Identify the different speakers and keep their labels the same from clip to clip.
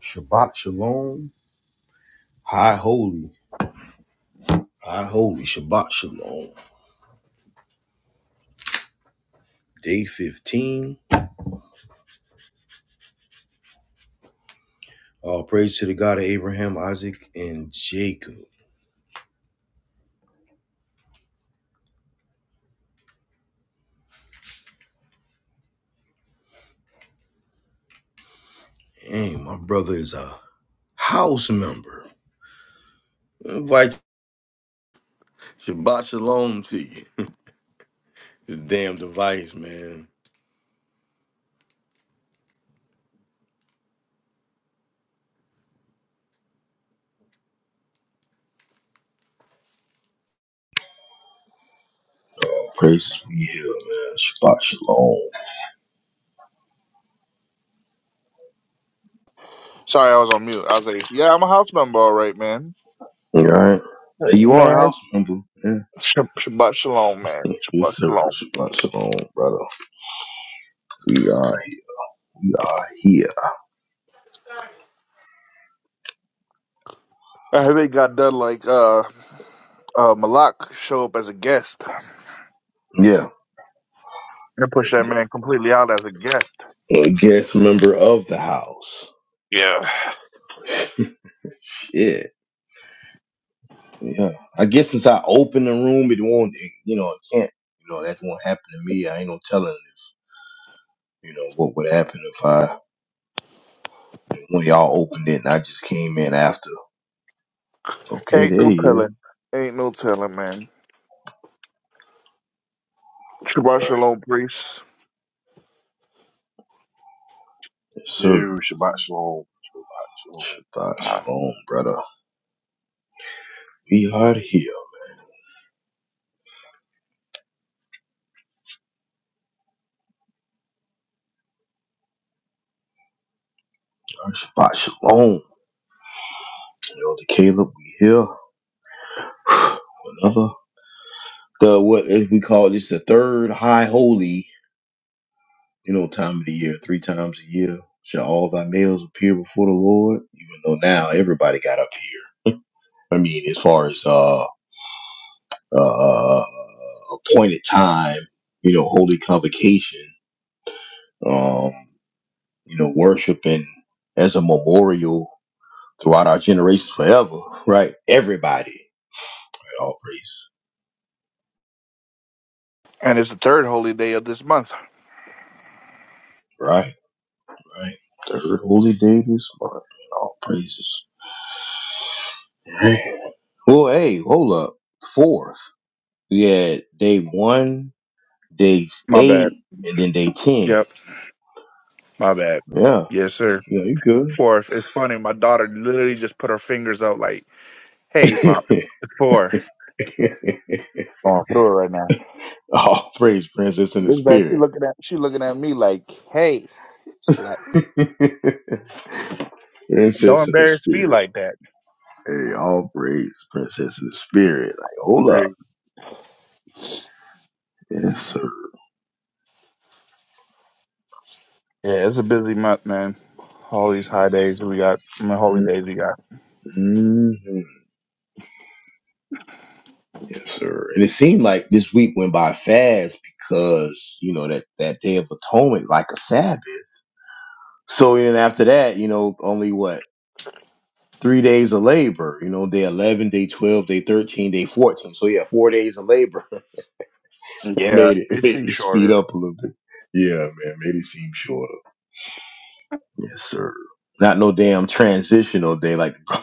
Speaker 1: Shabbat Shalom. High Holy. High Holy. Shabbat Shalom. Day 15. All praise to the God of Abraham, Isaac, and Jacob. Hey, my brother is a house member. I invite Shabbat Shalom to you. This damn device, man. All praises be here, man. Shabbat Shalom. All
Speaker 2: Sorry, I was on mute. I was like, yeah, I'm a house member, all right, man.
Speaker 1: right.
Speaker 2: Hey,
Speaker 1: You are a
Speaker 2: man,
Speaker 1: house member. Yeah.
Speaker 2: Sh- Shabbat shalom, man. Shabbat
Speaker 1: Yes, sir.
Speaker 2: shalom.
Speaker 1: Shabbat Shalom, brother. We are, we are here.
Speaker 2: I heard they got done like uh, uh, Malak show up as a guest
Speaker 1: Yeah.
Speaker 2: and push that man completely out as a guest.
Speaker 1: a guest member of the house.
Speaker 2: Yeah.
Speaker 1: Yeah, yeah. I guess since I opened the room, it won't. It, you know, it can't. You know, that won't happen to me. I ain't no telling. You know what would happen if I when y'all opened it and I just came in after. Okay,
Speaker 2: Ain't
Speaker 1: there
Speaker 2: no
Speaker 1: you is.
Speaker 2: telling. Ain't no telling, man. Shabbat
Speaker 1: Right,
Speaker 2: shalom, priest.
Speaker 1: yes,
Speaker 3: Yo,
Speaker 1: sir.
Speaker 3: Shabbat Shalom. Shabbat Shalom.
Speaker 1: Shabbat shalom, brother. We are here. Shabbat shalom, elder Caleb. We here. Another the what is we call this the third high holy You know, time of the year, three times a year, shall all thy males appear before the Lord? Even though now everybody got up here. I mean, as far as uh, uh, uh, appointed time, you know, holy convocation, um, you know, worshiping as a memorial throughout our generations forever, right? Everybody, right? all praises,
Speaker 2: And it's the third holy day of this month.
Speaker 1: right? Right. Third holy day this month, all praises. Right. Well, hey, hold up. Fourth. Yeah, day one, day
Speaker 2: My bad.
Speaker 1: eight, and then day ten.
Speaker 2: Yep. My bad.
Speaker 1: Yeah,
Speaker 2: Yes, sir.
Speaker 1: yeah, you good.
Speaker 2: Fourth. It's funny. My daughter literally just put her fingers out like, hey, Pop, it's four. Going through it right now.
Speaker 1: All praise, princess in the
Speaker 2: This bad. She
Speaker 1: spirit.
Speaker 2: looking at she looking at me like, hey, slap.
Speaker 1: princess
Speaker 2: Don't
Speaker 1: in the
Speaker 2: embarrass me
Speaker 1: spirit.
Speaker 2: like that.
Speaker 1: Hey, all praise, princess in the spirit. Like, hold up.
Speaker 2: Like,
Speaker 1: Yes, sir.
Speaker 2: yeah, it's a busy month, man. All these high days we got, I mean, holy days we got.
Speaker 1: hmm Yes, sir. And it seemed like this week went by fast because, you know, that, that day of atonement, like a Sabbath. So then after that, you know, only what? three days of labor. You know, day eleven, day twelve, day thirteen, day fourteen. So yeah, four days of labor
Speaker 2: Yeah,
Speaker 1: made it
Speaker 2: it
Speaker 1: made
Speaker 2: seems
Speaker 1: you speed
Speaker 2: shorter.
Speaker 1: up a little bit. Yeah, man, made it seem shorter. Yes, sir. Not no damn transitional day like the bro-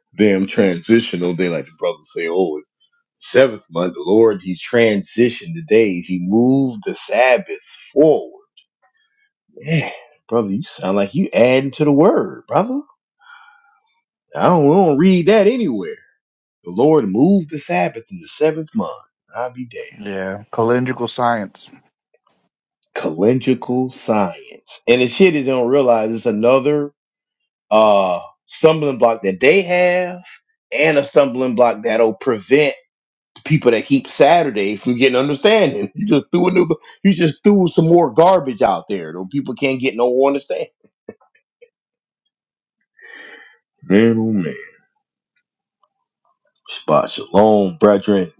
Speaker 1: damn transitional day like the brothers say. Oh, seventh month, the Lord, He's transitioned the days. He moved the Sabbath forward. Man, brother, you sound like you adding to the word, brother. I don't, we don't read that anywhere. The Lord moved the Sabbath in the seventh month. I'll be damned.
Speaker 2: Yeah, calendrical science.
Speaker 1: Calendrical science. And the shit is they don't realize it's another uh stumbling block that they have and a stumbling block that'll prevent people that keep Saturday from getting understanding. You just threw a new you just threw some more garbage out there. though people can't get no understanding. Man, oh man. Shabbat shalom, brethren.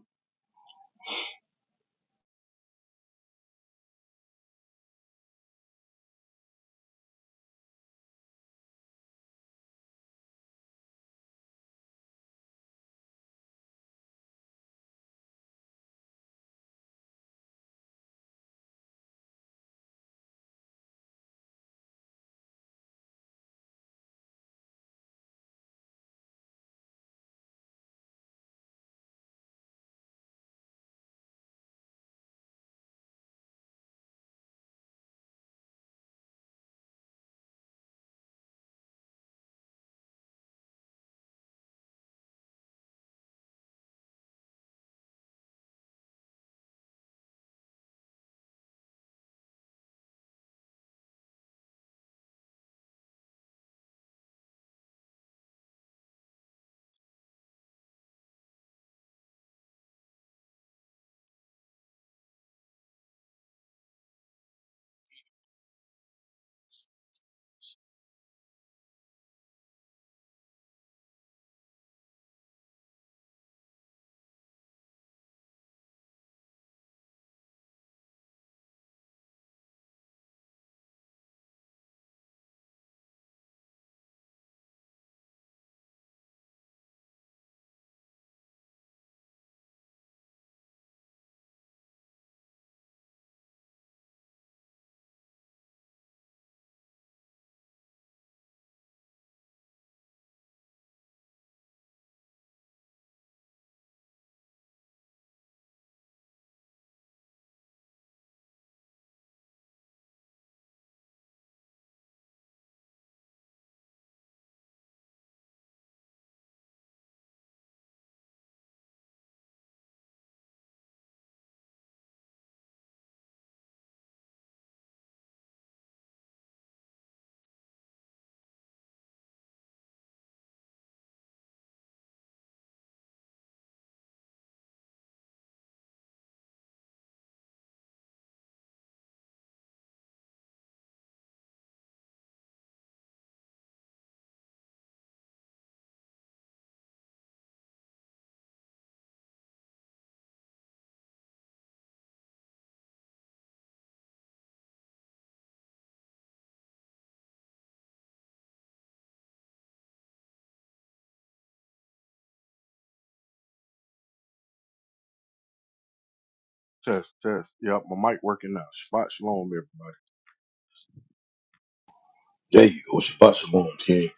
Speaker 3: Test, test. Yep, my mic working now. Shabbat Shalom, everybody.
Speaker 1: There you go. Shabbat shalom, king.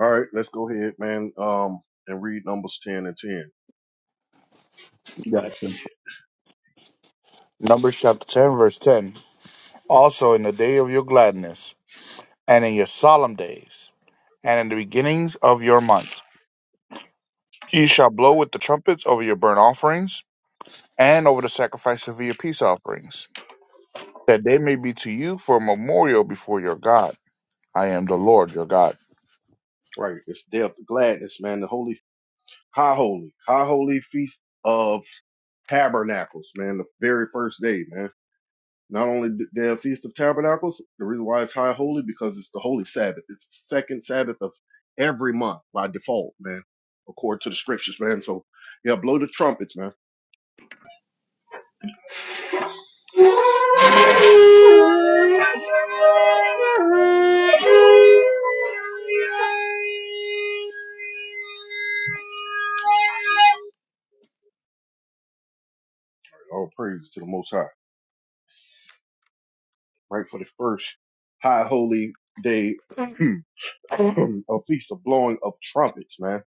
Speaker 3: All right, let's go ahead, man, um, and read Numbers 10 and 10.
Speaker 2: Gotcha. Numbers chapter ten, verse ten. Also, in the day of your gladness, and in your solemn days, and in the beginnings of your months, ye shall blow with the trumpets over your burnt offerings, and over the sacrifice of your peace offerings that they may be to you for a memorial before your God. I am the Lord your God.
Speaker 3: Right, it's Day of Gladness, man. The Holy, High Holy, High Holy Feast of Tabernacles, man. The very first day, man. Not only the Day of Feast of Tabernacles, the reason why it's High Holy, because it's the Holy Sabbath. It's the second Sabbath of every month by default, man, according to the scriptures, man. So, yeah, blow the trumpets, man. All praise to the Most High. Right for the first high holy day a feast of blowing of trumpets, man.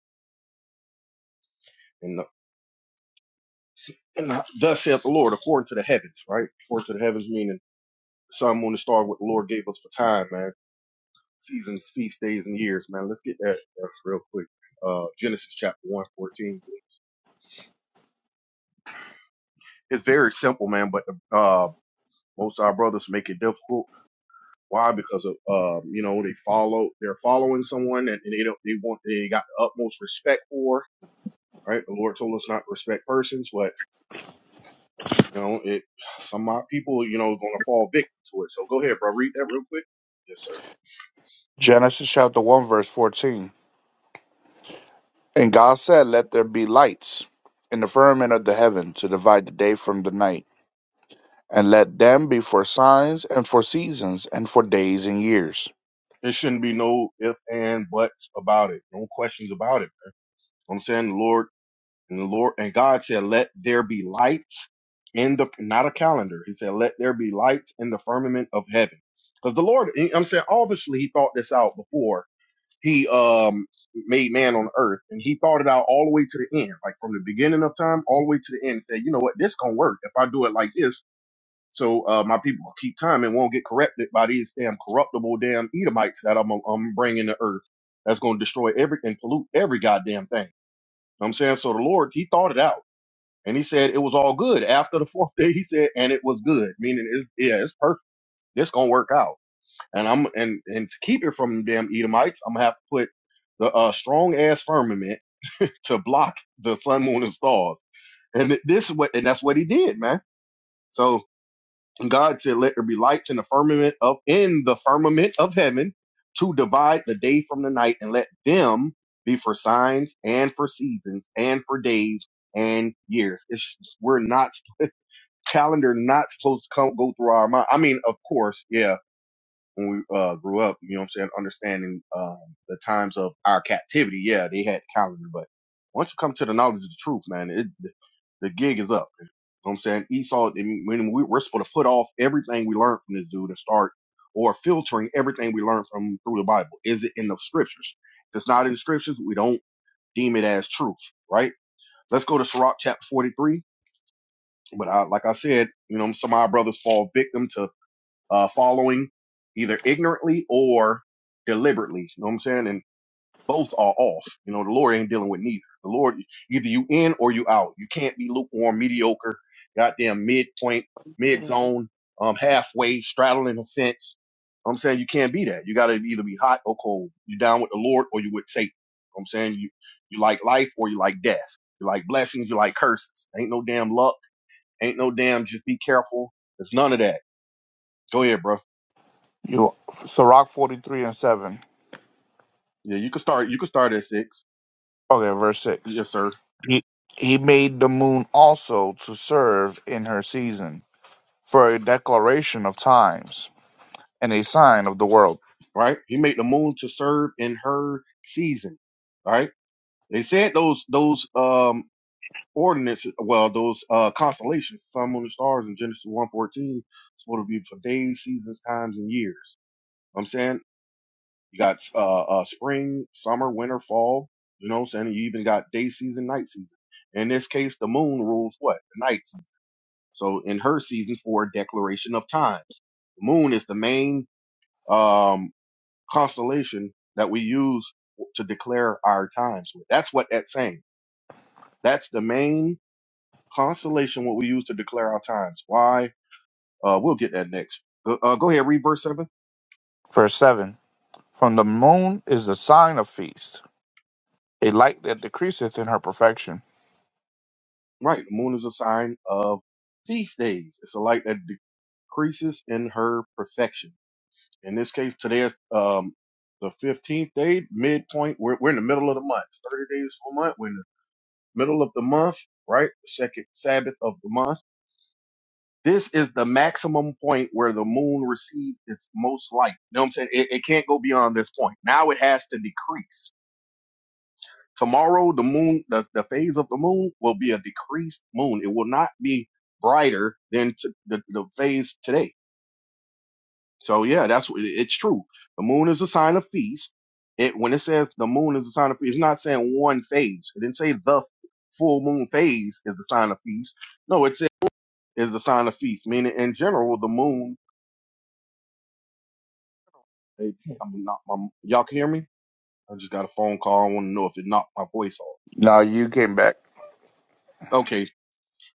Speaker 3: And, the, and the, thus saith the Lord, according to the heavens, right? According to the heavens, meaning the sun, moon, and star, what the Lord gave us for time, man. Seasons, feast days, and years, man. Let's get that uh, real quick. Uh, Genesis chapter one 14. It's very simple, man, but the uh, Most of our brothers make it difficult. Why? Because of um, you know, they follow they're following someone and, and they don't they want they got the utmost respect for, right? The Lord told us not to respect persons, but you know, it some of my people, you know, is gonna fall victim to it. So go ahead, bro, read that real quick. Yes, sir.
Speaker 2: Genesis chapter 1, verse 14. And God said, Let there be lights in the firmament of the heaven to divide the day from the night, and let them be for signs and for seasons and for days and years.
Speaker 3: There shouldn't be no if and buts about it. No questions about it. man. You know what I'm saying the Lord And the Lord and God said, Let there be lights in the not a calendar. He said, Let there be lights in the firmament of heaven. Because the Lord, I'm saying obviously he thought this out before he um made man on earth and he thought it out all the way to the end, like from the beginning of time all the way to the end. He said, you know what, this gonna work if I do it like this. So uh, my people will keep time and won't get corrupted by these damn corruptible damn Edomites that I'm, I'm bringing to earth. That's gonna destroy every and pollute every goddamn thing. I'm saying so. The Lord, He thought it out. And he said it was all good. After the fourth day, he said, and it was good, meaning it's yeah, it's perfect. It's gonna work out. And I'm and and to keep it from them Edomites, I'm gonna have to put the uh, strong ass firmament to block the sun, moon, and stars. And th- this is what and that's what he did, man. So God said, "Let there be lights in the firmament of in the firmament of heaven to divide the day from the night, and let them be for signs and for seasons and for days and years." It's, we're not calendar not supposed to come go through our mind. I mean, of course, yeah, when we uh, grew up, you know what I'm saying, understanding um, the times of our captivity, yeah, they had the calendar, but once you come to the knowledge of the truth, man, it the the gig is up. You know what I'm saying Esau, I mean, when we, we're supposed to put off everything we learned from this dude and start or filtering everything we learned from through the Bible. Is it in the scriptures? If it's not in the scriptures, we don't deem it as truth, right? Let's go to Sirach chapter 43 but I, like I said, you know, some of our brothers fall victim to uh, following either ignorantly or deliberately. You know what I'm saying? And both are off. You know, the Lord ain't dealing with neither. The Lord, either you in or you out. You can't be lukewarm, mediocre, goddamn midpoint, mid zone, um, halfway, straddling a fence. You know what I'm saying you can't be that. You got to either be hot or cold. You down with the Lord or you with Satan. You know what I'm saying you you like life or you like death. You like blessings, you like curses. Ain't no damn love Ain't no damn. Just be careful. It's none of that. Go ahead, bro.
Speaker 2: You Sirach 43 and 7.
Speaker 3: Yeah, you can start. You can start at six.
Speaker 2: Okay, verse 6.
Speaker 3: Yes, sir.
Speaker 2: He, he made the moon also to serve in her season for a declaration of times and a sign of the world.
Speaker 3: Right. He made the moon to serve in her season. All right. They said those those um ordinances. Well, those uh constellations, sun, moon, and stars in Genesis one fourteen, supposed to be for days, seasons, times, and years. I'm saying you got uh, uh spring, summer, winter, fall. You know what I'm saying? You even got day season, night season. In this case, the moon rules what? The nights So in her season four declaration of times, the moon is the main um, constellation that we use to declare our times. with. That's what that's saying. That's the main constellation what we use to declare our times. Why? Uh, we'll get that next. Go, uh, go ahead, read verse seven.
Speaker 2: Verse 7. From the moon is the sign of feast, a light that decreaseth in her perfection.
Speaker 3: Right, the moon is a sign of feast days. It's a light that decreases in her perfection. In this case, today is um, the 15th day, midpoint. We're, we're in the middle of the month. It's 30 days for a month. We're in middle of the month, right? The second Sabbath of the month. This is the maximum point where the moon receives its most light. You know what I'm saying? It, it can't go beyond this point. Now it has to decrease. Tomorrow, the moon, the, the phase of the moon will be a decreased moon. It will not be brighter than t- the, the phase today. So yeah, that's what it's true. The moon is a sign of feast. It when it says the moon is a sign of feast, it's not saying one phase. It didn't say the full moon phase is the sign of feast. No, it's is the sign of feast, meaning in general, the moon. Hey, I am not my, y'all can hear me? I just got a phone call. I want to know if it knocked my voice off.
Speaker 2: Now you came back.
Speaker 3: Okay,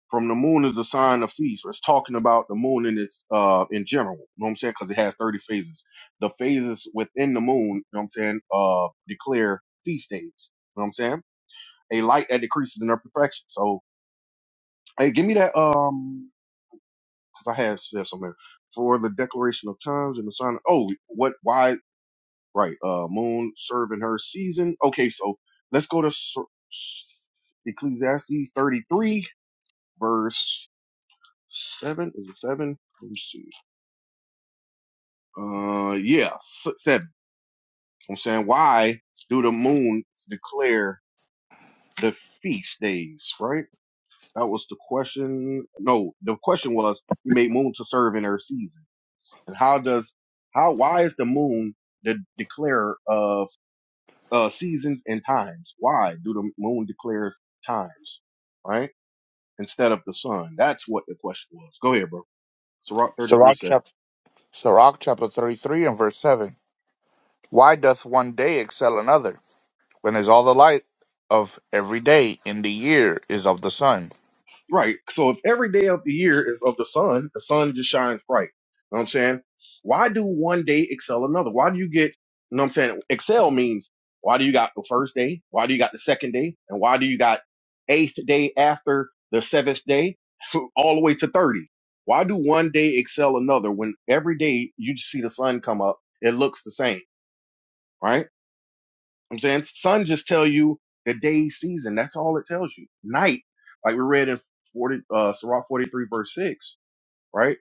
Speaker 3: from the moon is a sign of feast. It's talking about the moon in its uh in general. You know what I'm saying? Because it has 30 phases. The phases within the moon, you know what I'm saying, uh, declare feast days. You know what I'm saying? A light that decreases in their perfection. So, hey, give me that um, because I have said something for the declaration of times and the sign. Oh, what? Why? Right. Uh, moon serving her season. Okay, so let's go to S- S- Ecclesiastes 33, verse 7. Is it 7? Let me see. Uh, yeah, s- 7. I'm saying, why do the moon declare the feast days, right? That was the question. No, the question was, he made moon to serve in her season. And how does, how, why is the moon the declarer of? uh, seasons and times. Why do the moon declare times, right? Instead of the sun. That's what the question was. Go ahead, bro. Sirach
Speaker 2: Sirach
Speaker 3: 33:7.
Speaker 2: chapter, Sirach chapter 33 and verse 7. Why doth one day excel another, when is all the light of every day in the year is of the sun?
Speaker 3: Right. So if every day of the year is of the sun, the sun just shines bright. You know what I'm saying? Why do one day excel another? Why do you get, you know what I'm saying? Excel means why do you got the first day? Why do you got the second day? And why do you got eighth day after the seventh day all the way to 30? Why do one day excel another when every day you just see the sun come up? It looks the same, right? I'm saying sun just tell you the day season. That's all it tells you. Night, like we read in 40, uh, Sirach 43 verse six, right?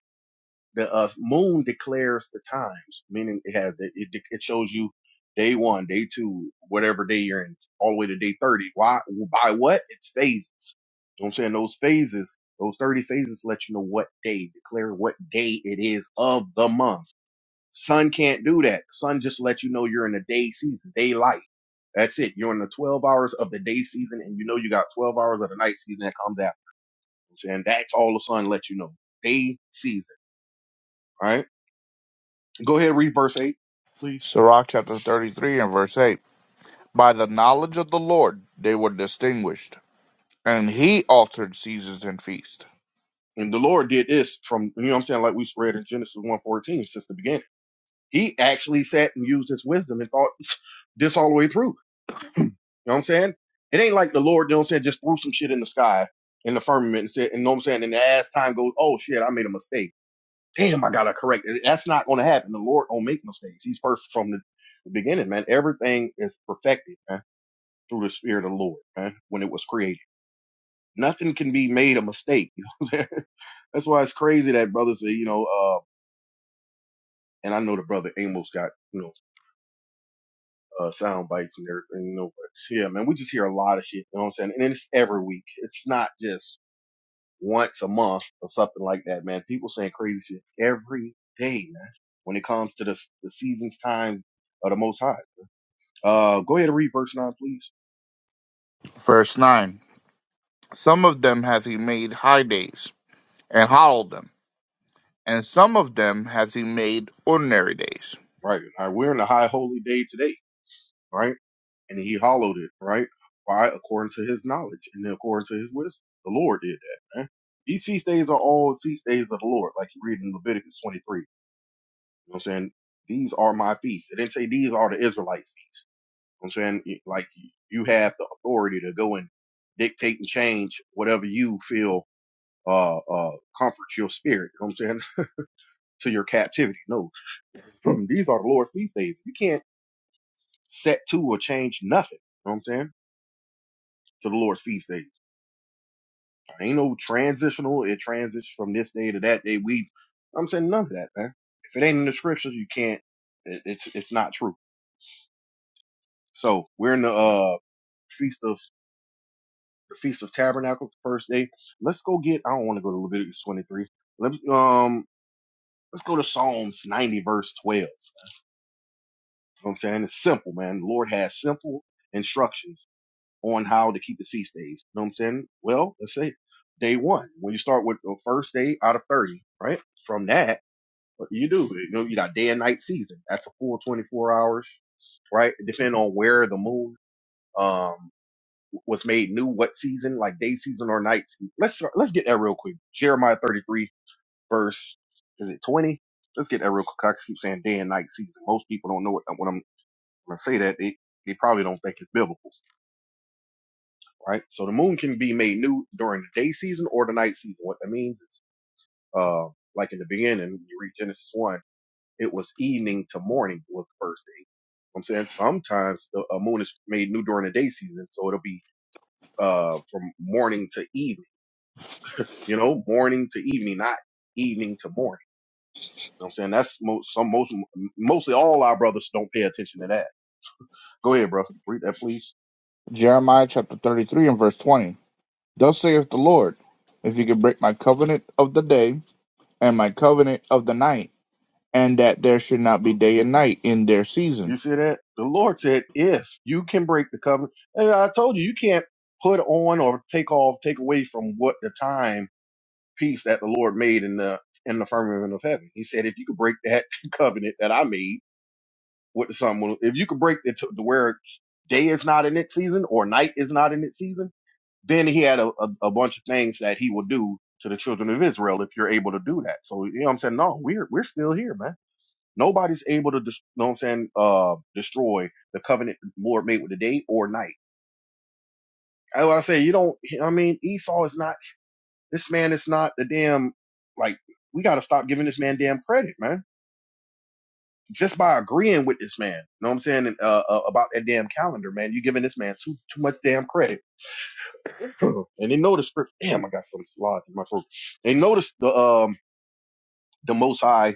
Speaker 3: The uh, moon declares the times, meaning it has, it, it, it shows you day one, day two, whatever day you're in, all the way to day 30. Why? By what? It's phases. You know what I'm saying? Those phases, those 30 phases let you know what day, declare what day it is of the month Sun can't do that. Sun just lets you know you're in a day season, daylight. That's it. You're in the 12 hours of the day season, and you know you got 12 hours of the night season that comes after. And that's all the sun lets you know. Day season. All right. Go ahead, read verse 8, please.
Speaker 2: Sirach chapter 33 and verse 8. By the knowledge of the Lord they were distinguished, and he altered seasons and feasts.
Speaker 3: And the Lord did this from, you know what I'm saying, like we read in Genesis one fourteen since the beginning. He actually sat and used his wisdom and thought this all the way through. You know what I'm saying? It ain't like the Lord, you know what I'm saying, just threw some shit in the sky in the firmament and said, and you know what I'm saying? And as time goes, oh shit, I made a mistake. Damn, I gotta correct it. That's not gonna happen. The Lord don't make mistakes. He's perfect from the, the beginning, man. Everything is perfected, man, through the spirit of the Lord, man, when it was created. Nothing can be made a mistake. You know what I'm saying? That's why it's crazy that brothers say, you know, uh, and I know the brother Amos got, you know, uh, sound bites and everything, you know, but yeah, man, we just hear a lot of shit, you know what I'm saying? And it's every week. It's not just once a month or something like that, man. People saying crazy shit every day, man, when it comes to the, the season's time of the Most High. Uh, go ahead and read verse 9, please.
Speaker 2: Verse 9. Some of them hath he made high days, and hollowed them and some of them hath he made ordinary days.
Speaker 3: Right. All right. We're in the high holy day today, right? And he hallowed it, right? Why? According to his knowledge and according to his wisdom. The Lord did that, man. These feast days are all feast days of the Lord, like you read in Leviticus 23. You know what I'm saying? These are my feasts. It didn't say these are the Israelites' feasts. You know what I'm saying like you have the authority to go and dictate and change whatever you feel uh uh comforts your spirit. You know what I'm saying to your captivity. No, these are the Lord's feast days. You can't set to or change nothing. You know what I'm saying to the Lord's feast days. Ain't no transitional. It transits from this day to that day. We, I'm saying none of that, man. If it ain't in the scriptures, you can't. It, it's it's not true. So we're in the uh feast of the Feast of Tabernacles, the first day. Let's go get. I don't want to go to Leviticus 23. Let Let's um. Let's go to Psalms 90, verse 12. You know what I'm saying? It's simple, man. The Lord has simple instructions on how to keep his feast days. You know what I'm saying? Well, let's say day one, when you start with the first day out of 30, right? From that, what do you do? You know, you got day and night season. That's a full 24 hours, right? Depending on where the moon. Um, was made new what season, like day season or night season. Let's start, let's get that real quick. Jeremiah 33 verse is it 20? Let's get that real quick. I keep saying day and night season. Most people don't know what when I'm when I say that they they probably don't think it's biblical, right? So the moon can be made new during the day season or the night season. What that means is, uh, like in the beginning, when you read Genesis one, it was evening to morning was the first day. I'm saying sometimes the a moon is made new during the day season, so it'll be uh from morning to evening you know, morning to evening, not evening to morning. You know what I'm saying that's most some most mostly all our brothers don't pay attention to that. Go ahead, bro. Read that, please.
Speaker 2: Jeremiah chapter 33 and verse 20. Thus saith the Lord, if you could break my covenant of the day and my covenant of the night, and that there should not be day and night in their
Speaker 3: You
Speaker 2: season.
Speaker 3: see that? The Lord said, "If you can break the covenant," and I told you, you can't put on or take off, take away from what the time piece that the Lord made in the in the firmament of heaven. He said, "If you could break that covenant that I made with the sun, if you could break it to to where day is not in its season or night is not in its season." Then he had a, a, a bunch of things that he will do to the children of Israel if you're able to do that. So you know what I'm saying? No, we're we're still here, man. Nobody's able to, dis- you know what I'm saying, uh, destroy the covenant the Lord made with the day or night. I, I say you don't. I mean, Esau is not. This man is not the damn. Like we got to stop giving this man damn credit, man. Just by agreeing with this man, you know what I'm saying, and, uh, uh, about that damn calendar, man. You giving this man too too much damn credit. and they know the script. Damn, I got some slot in my throat. They noticed the um the Most High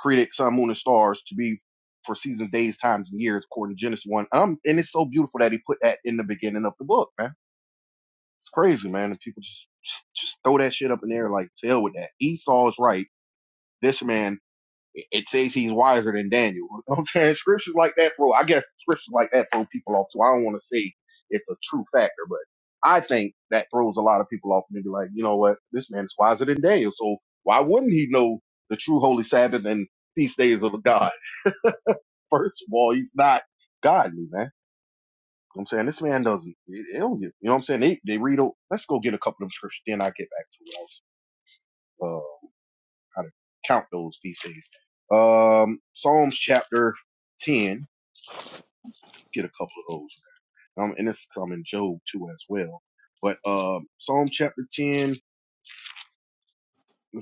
Speaker 3: created sun, moon, and stars to be for seasons, days, times, and years, according to Genesis one. Um, and it's so beautiful that he put that in the beginning of the book, man. It's crazy, man. And people just just throw that shit up in there, like, tell with that. Esau is right. This man it says he's wiser than Daniel. You know what I'm saying scriptures like that throw, I guess scriptures like that throw people off. So I don't want to say it's a true factor, but I think that throws a lot of people off and they be like, you know what, this man is wiser than Daniel. So why wouldn't he know the true holy Sabbath and feast days of God? First of all, he's not godly, man. You know what I'm saying this man doesn't. It, it don't get- you know what I'm saying? They they read. o- Let's go get a couple of them scriptures, then I get back to what else. how to count those feast days. Um, Psalms chapter 10. Let's get a couple of those. Um, and this come in Job too as well. But um, Psalm chapter 10,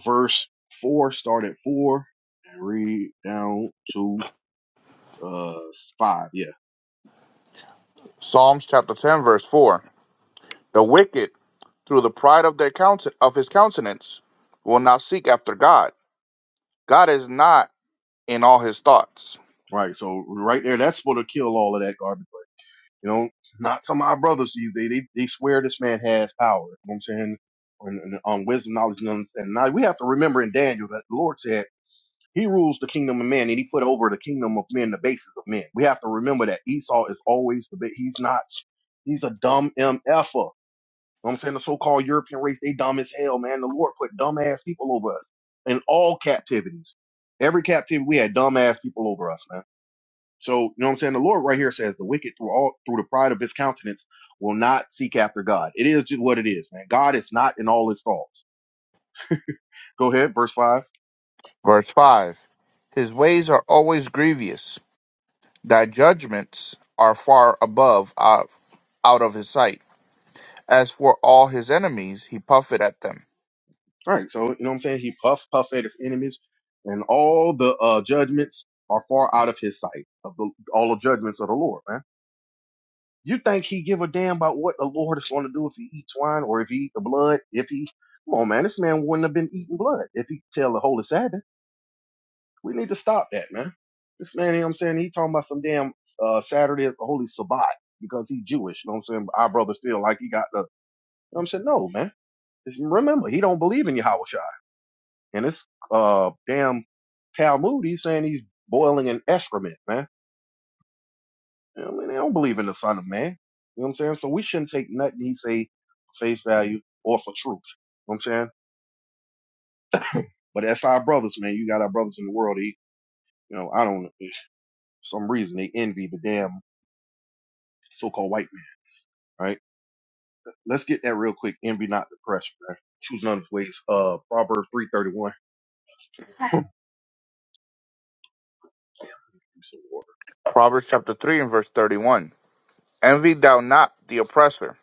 Speaker 3: verse 4, start at 4 and read down to uh 5. Yeah.
Speaker 2: Psalms chapter 10 verse 4. The wicked, through the pride of their counten- of his countenance, will not seek after God. God is not in all his thoughts.
Speaker 3: Right. So right there, that's supposed to kill all of that garbage. But, you know, not some of our brothers. You They, they, they swear this man has power. You know what I'm saying? On, on wisdom, knowledge, and understanding. Now we have to remember in Daniel that the Lord said He rules the kingdom of man, and he put over the kingdom of men the basis of men. We have to remember that Esau is always the big. He's not. He's a dumb mf'er. You know what I'm saying the so-called European race, they dumb as hell, man. The Lord put dumb ass people over us in all captivities. Every captivity, we had dumb ass people over us, man. So you know what I'm saying. The Lord right here says the wicked through all through the pride of his countenance will not seek after God. It is just what it is, man. God is not in all his thoughts. Go ahead, verse five.
Speaker 2: Verse 5. His ways are always grievous Thy judgments are far above uh, out of his sight. As for all his enemies, he puffeth at them.
Speaker 3: Right. So you know what I'm saying? He puff puff at his enemies, and all the uh, judgments are far out of his sight of the all the judgments of the Lord, man. You think he give a damn about what the Lord is going to do if he eats wine or if he eat the blood? If he come on, man, this man wouldn't have been eating blood if he tell the holy Sabbath. We need to stop that, man. This man, you know what I'm saying? He talking about some damn uh, Saturday is the holy Sabbath because he Jewish. You know what I'm saying? Our brother still like he got the. You know what I'm saying? No, man. Remember, he don't believe in Yahweh And this uh damn Talmud, he's saying he's boiling in excrement, man. You know what I mean, they don't believe in the Son of Man. You know what I'm saying? So we shouldn't take nothing he say for face value or for truth. You know what I'm saying? But that's our brothers, man. You got our brothers in the world. He, you know, I don't know. For some reason they envy the damn so-called white man, right? Let's get that real quick. Envy not depression, man. Choose none of his ways. Uh, Proverbs 3:31. Give me water.
Speaker 2: Proverbs chapter 3 and verse 31. Envy thou not the oppressor,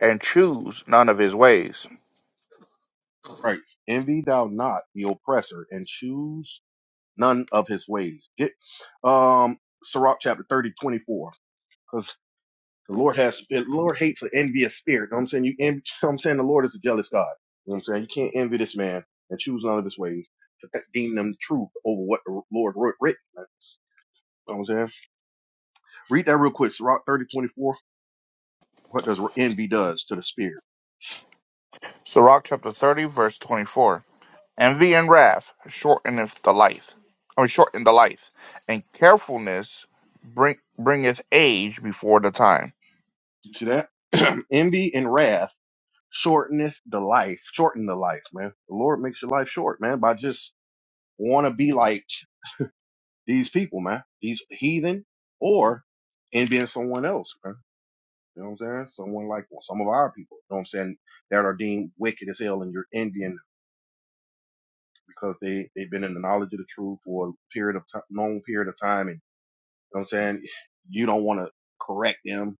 Speaker 2: and choose none of his ways.
Speaker 3: Right. Envy thou not the oppressor, and choose. none of his ways. Get um Sirach chapter 30 24 Because the Lord has the Lord hates an envious spirit. You know what I'm saying? You envy, you know what I'm saying the Lord is a jealous God. You know what I'm saying? You can't envy this man and choose none of his ways to deem them truth over what the Lord wrote written. You know what I'm saying? Read that real quick. Sirach 30 24. What does envy does to the spirit?
Speaker 2: Sirach chapter 30, verse 24. Envy and wrath shorteneth the life, or shorten the life, and carefulness bring, bringeth age before the time.
Speaker 3: You see that? envy and wrath shorteneth the life. Shorten the life, man. The Lord makes your life short, man, by just wanna be like these people, man, these heathen, or in being someone else, man. You know what I'm saying? Someone like well, some of our people, you know what I'm saying, that are deemed wicked as hell and you're Indian because they, they've been in the knowledge of the truth for a period of time, long period of time. And you know what I'm saying? You don't want to correct them. You know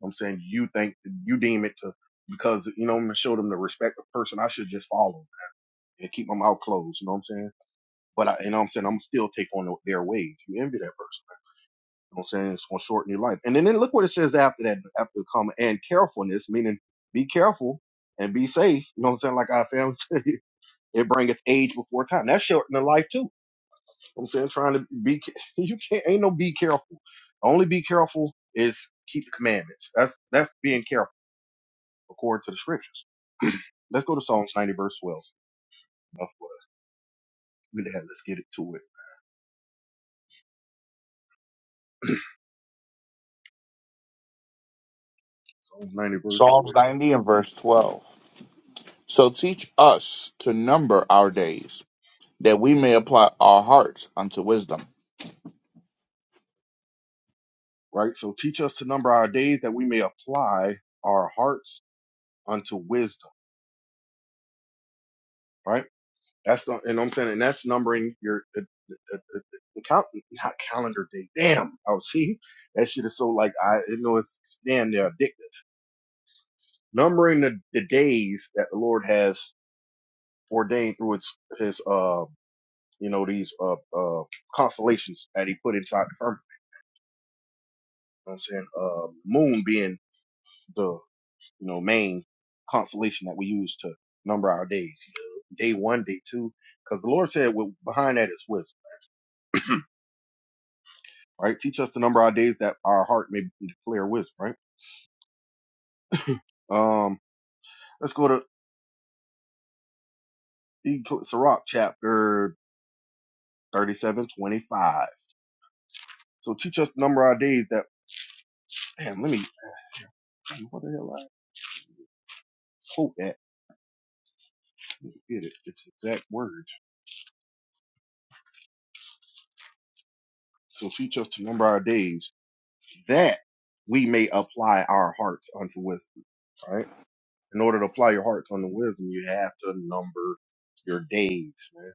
Speaker 3: what I'm saying you think you deem it to because you know I'm gonna show them the respect of person. I should just follow and keep my mouth closed. You know what I'm saying? But I, you know what I'm saying I'm still take on their ways. You envy that person. You know what I'm saying? It's gonna shorten your life. And then, then look what it says after that, after the comma, and carefulness, meaning be careful and be safe. You know what I'm saying? Like our family, tell you, it bringeth age before time. That's shortening the life too. You know what I'm saying trying to be, ca- you can't, ain't no be careful. Only be careful is keep the commandments. That's that's being careful according to the scriptures. Let's go to Psalms 90 verse 12. Enough for that. Good to have- Let's get it to it. Psalms 90 verse 12.
Speaker 2: Psalms 90 and verse 12. So teach us to number our days that we may apply our hearts unto wisdom.
Speaker 3: Right. So teach us to number our days that we may apply our hearts unto wisdom. Right That's the, and I'm saying, and that's numbering your uh, uh, uh, uh, count, not calendar day. Damn, I was see that shit is so like I you know it's damn near addictive. Numbering the, the days that the Lord has ordained through its his uh you know these uh uh constellations that He put inside the firmament. You know what I'm saying uh moon being the you know main constellation that we use to number our days. You know, Day one, day two, because the Lord said well, behind that is wisdom. right? Teach us to number our days that our heart may declare wisdom, right? Um, let's go to Sirach chapter 37 25. So teach us to number our days that, man, let me, what the hell I quote at? Let me get it. It's exact words. So teach us to number our days that we may apply our hearts unto wisdom, right? In order to apply your hearts unto wisdom, you have to number your days, man,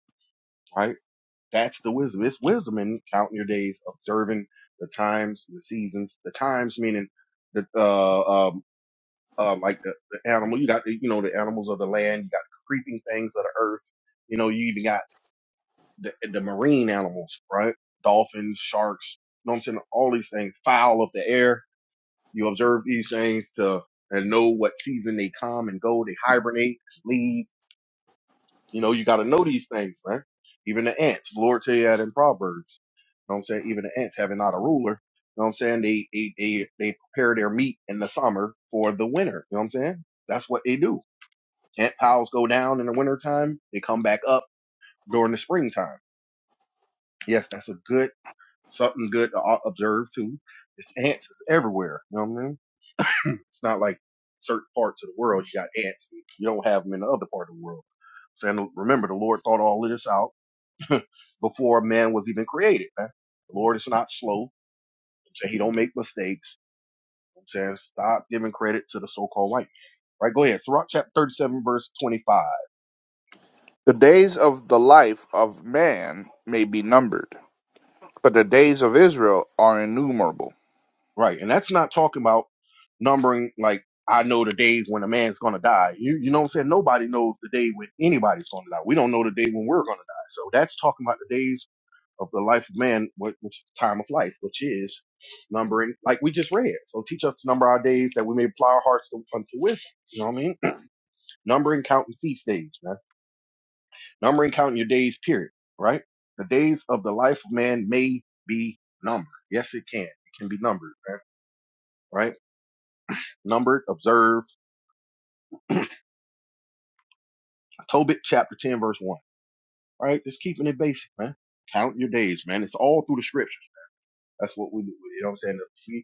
Speaker 3: right? That's the wisdom. It's wisdom in counting your days, observing the times, the seasons, the times meaning the uh um uh, like the, the animal. You got the you know the animals of the land. You got the creeping things of the earth. You know you even got the the marine animals, right? Dolphins, sharks. You know what I'm saying? All these things, fowl of the air. You observe these things to and know what season they come and go. They hibernate, leave you know, you got to know these things, man. Even the ants, the Lord tell you that in Proverbs. You know what I'm saying? Even the ants having not a ruler. You know what I'm saying? They, they, they, they prepare their meat in the summer for the winter. You know what I'm saying? That's what they do. Ant piles go down in the wintertime. They come back up during the springtime. Yes, that's a good, something good to o- observe too. It's ants is everywhere. You know what I mean? It's not like certain parts of the world you got ants. You don't have them in the other part of the world. Saying, remember, the Lord thought all of this out before man was even created. man. The Lord is not slow. You know He don't make mistakes. You know what I'm saying stop giving credit to the so-called white. man. Right, go ahead. Sirach chapter 37, verse 25.
Speaker 2: The days of the life of man may be numbered, but the days of Israel are innumerable.
Speaker 3: Right, and that's not talking about numbering like I know the day when a man's gonna die. You you know what I'm saying? Nobody knows the day when anybody's gonna die. We don't know the day when we're gonna die. So that's talking about the days of the life of man, which, which is the time of life, which is numbering, like we just read. So teach us to number our days that we may apply our hearts to, unto wisdom. You know what I mean? Numbering, counting feast days, man. Numbering, counting your days, period. Right? The days of the life of man may be numbered. Yes, it can. It can be numbered, man. Right? Numbered, observed. Tobit chapter 10, verse 1. Right? Just keeping it basic, man. Count your days, man. It's all through the scriptures. That's what we do. You know what I'm saying? We, you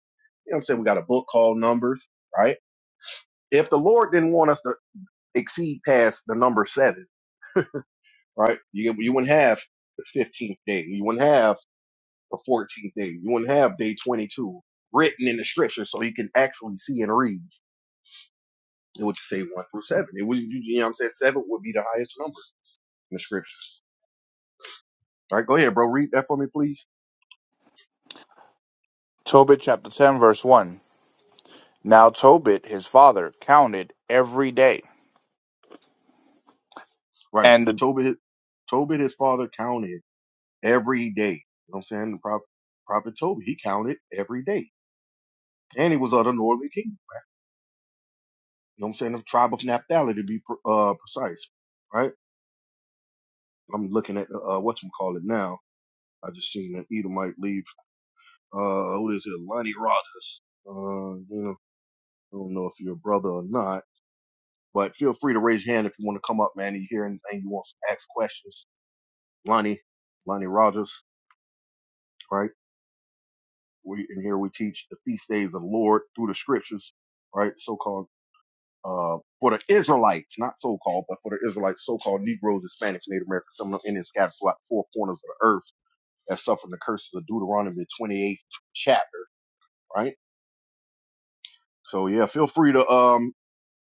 Speaker 3: know what I'm saying? We got a book called Numbers, right? If the Lord didn't want us to exceed past the number seven, right? You, you wouldn't have the 15th day. You wouldn't have the 14th day. You wouldn't have day 22 written in the scripture so you can actually see and read. It would say one through seven. It was, you know what I'm saying? Seven would be the highest number in the scriptures. All right, go ahead, bro. Read that for me, please.
Speaker 2: Tobit chapter 10, verse 1. Now Tobit, his father, counted every day.
Speaker 3: Right.
Speaker 2: And the,
Speaker 3: Tobit, Tobit, his father, counted every day. You know what I'm saying? The prophet, prophet Tobit, he counted every day. And he was of the northern kingdom. You know what I'm saying? The tribe of Naphtali, to be uh, precise. Right? I'm looking at uh, whatcomacallit now. I just seen an Edomite leave uh, who is it, Lonnie Rogers. Uh, you know, I don't know if you're a brother or not, but feel free to raise your hand if you want to come up, man. You hear anything you want to ask questions. Lonnie, Lonnie Rogers, right? We in here we teach the feast days of the Lord through the scriptures, right? So called uh for the Israelites, not so called, but for the Israelites, so called Negroes, Hispanics, Native Americans, some of them Indians scattered throughout the four corners of the earth that suffered the curses of Deuteronomy 28th chapter, right? So yeah, feel free to um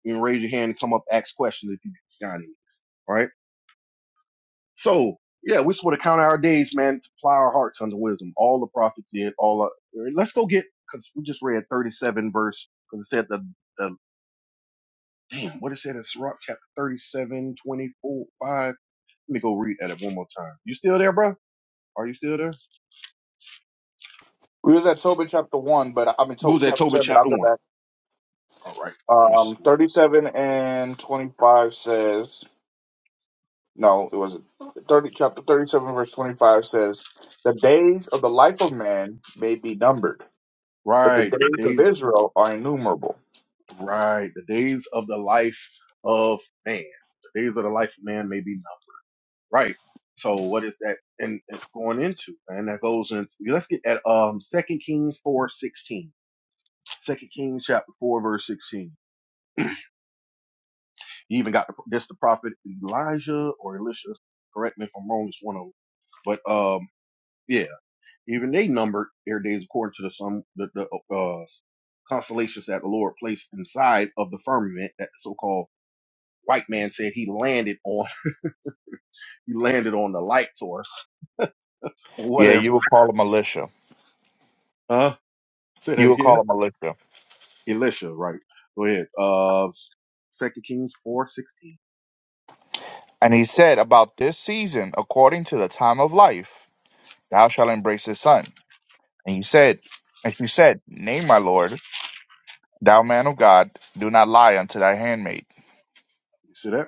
Speaker 3: and raise your hand and come up, ask questions if you got any. All right. So yeah, we just want to count our days, man, to plow our hearts unto wisdom. All the prophets did. All the, let's go get because we just read 37 verse because it said the the damn what it said in Sirach chapter thirty-seven twenty-four, 5. Let me go read at it one more time. You still there, bro? Are you still there?
Speaker 2: we was at Tobit chapter 1, but I mean,
Speaker 3: We was
Speaker 2: Tobit
Speaker 3: at
Speaker 2: chapter
Speaker 3: Tobit
Speaker 2: 10, but I'll
Speaker 3: chapter
Speaker 2: go
Speaker 3: one.
Speaker 2: back.
Speaker 3: All right. Let me see
Speaker 2: Um,
Speaker 3: what that says.
Speaker 2: 37 and 25 says, no, it wasn't. 30, chapter 37, verse 25 says, The days of the life of man may be numbered But the
Speaker 3: Right, the
Speaker 2: days of
Speaker 3: days.
Speaker 2: Israel are innumerable.
Speaker 3: Right, the days of the life of man. The days of the life of man may be Right. So what is that and going into? And that goes into yeah, let's get at um Second Kings four sixteen. Second Kings chapter four verse sixteen. You even got the, this the prophet Elijah or Elisha. Correct me if I'm wrong. It's one of them. But um yeah, even they numbered their days according to the some the, the uh constellations that the Lord placed inside of the firmament that the so-called white man said he landed on he landed on the light source or
Speaker 2: Yeah,
Speaker 3: whatever.
Speaker 2: you will call a militia.
Speaker 3: Huh? Say
Speaker 2: You
Speaker 3: that
Speaker 2: will
Speaker 3: again.
Speaker 2: call a militia.
Speaker 3: Elisha, right? Go ahead. Uh, Second Kings four sixteen.
Speaker 2: And he said, About this season, according to the time of life, thou shalt embrace his son. And he said, And she said, Nay, my Lord, thou man of God, do not lie unto thy handmaid.
Speaker 3: You see that?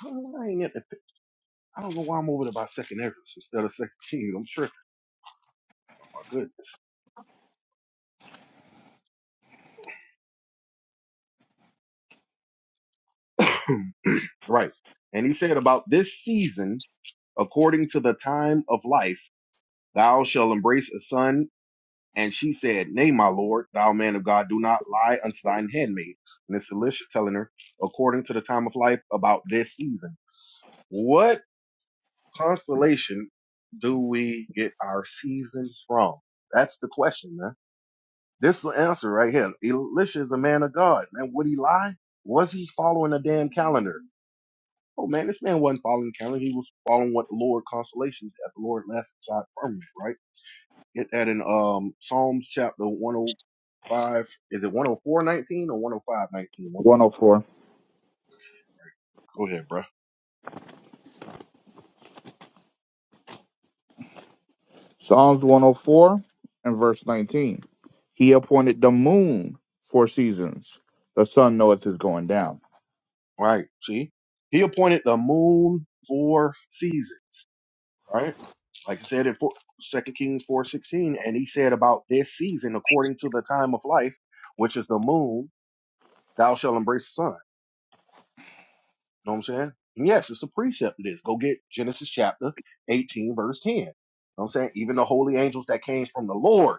Speaker 3: I don't know why I ain't at the pic- I don't know why I'm over there by Second Exodus instead of Second Kings. I'm sure. My goodness. right. And he said about this season, according to the time of life, thou shalt embrace a son. And she said, Nay, my lord, thou man of God, do not lie unto thine handmaid. And it's Elisha telling her, according to the time of life, about this season. What constellation do we get our seasons from? That's the question, man. This is the answer right here. Elisha is a man of God, man. Would he lie? Was he following a damn calendar? Oh man, this man wasn't following the calendar. He was following what the Lord constellations that the Lord left side firmament, right? Get that in um Psalms chapter 105. Is it one hundred four nineteen or 105 19? 19?
Speaker 2: 104.
Speaker 3: Go ahead, bruh.
Speaker 2: Psalms 104 and verse 19. He appointed the moon for seasons. The sun knoweth his going down.
Speaker 3: Right. See, he appointed the moon for season, right? like I said in Second Kings four sixteen, and he said about this season according to the time of life, which is the moon, thou shalt embrace the sun. know what I'm saying? And yes, it's a precept. It is. Go get Genesis chapter eighteen, verse ten. know what I'm saying even the holy angels that came from the Lord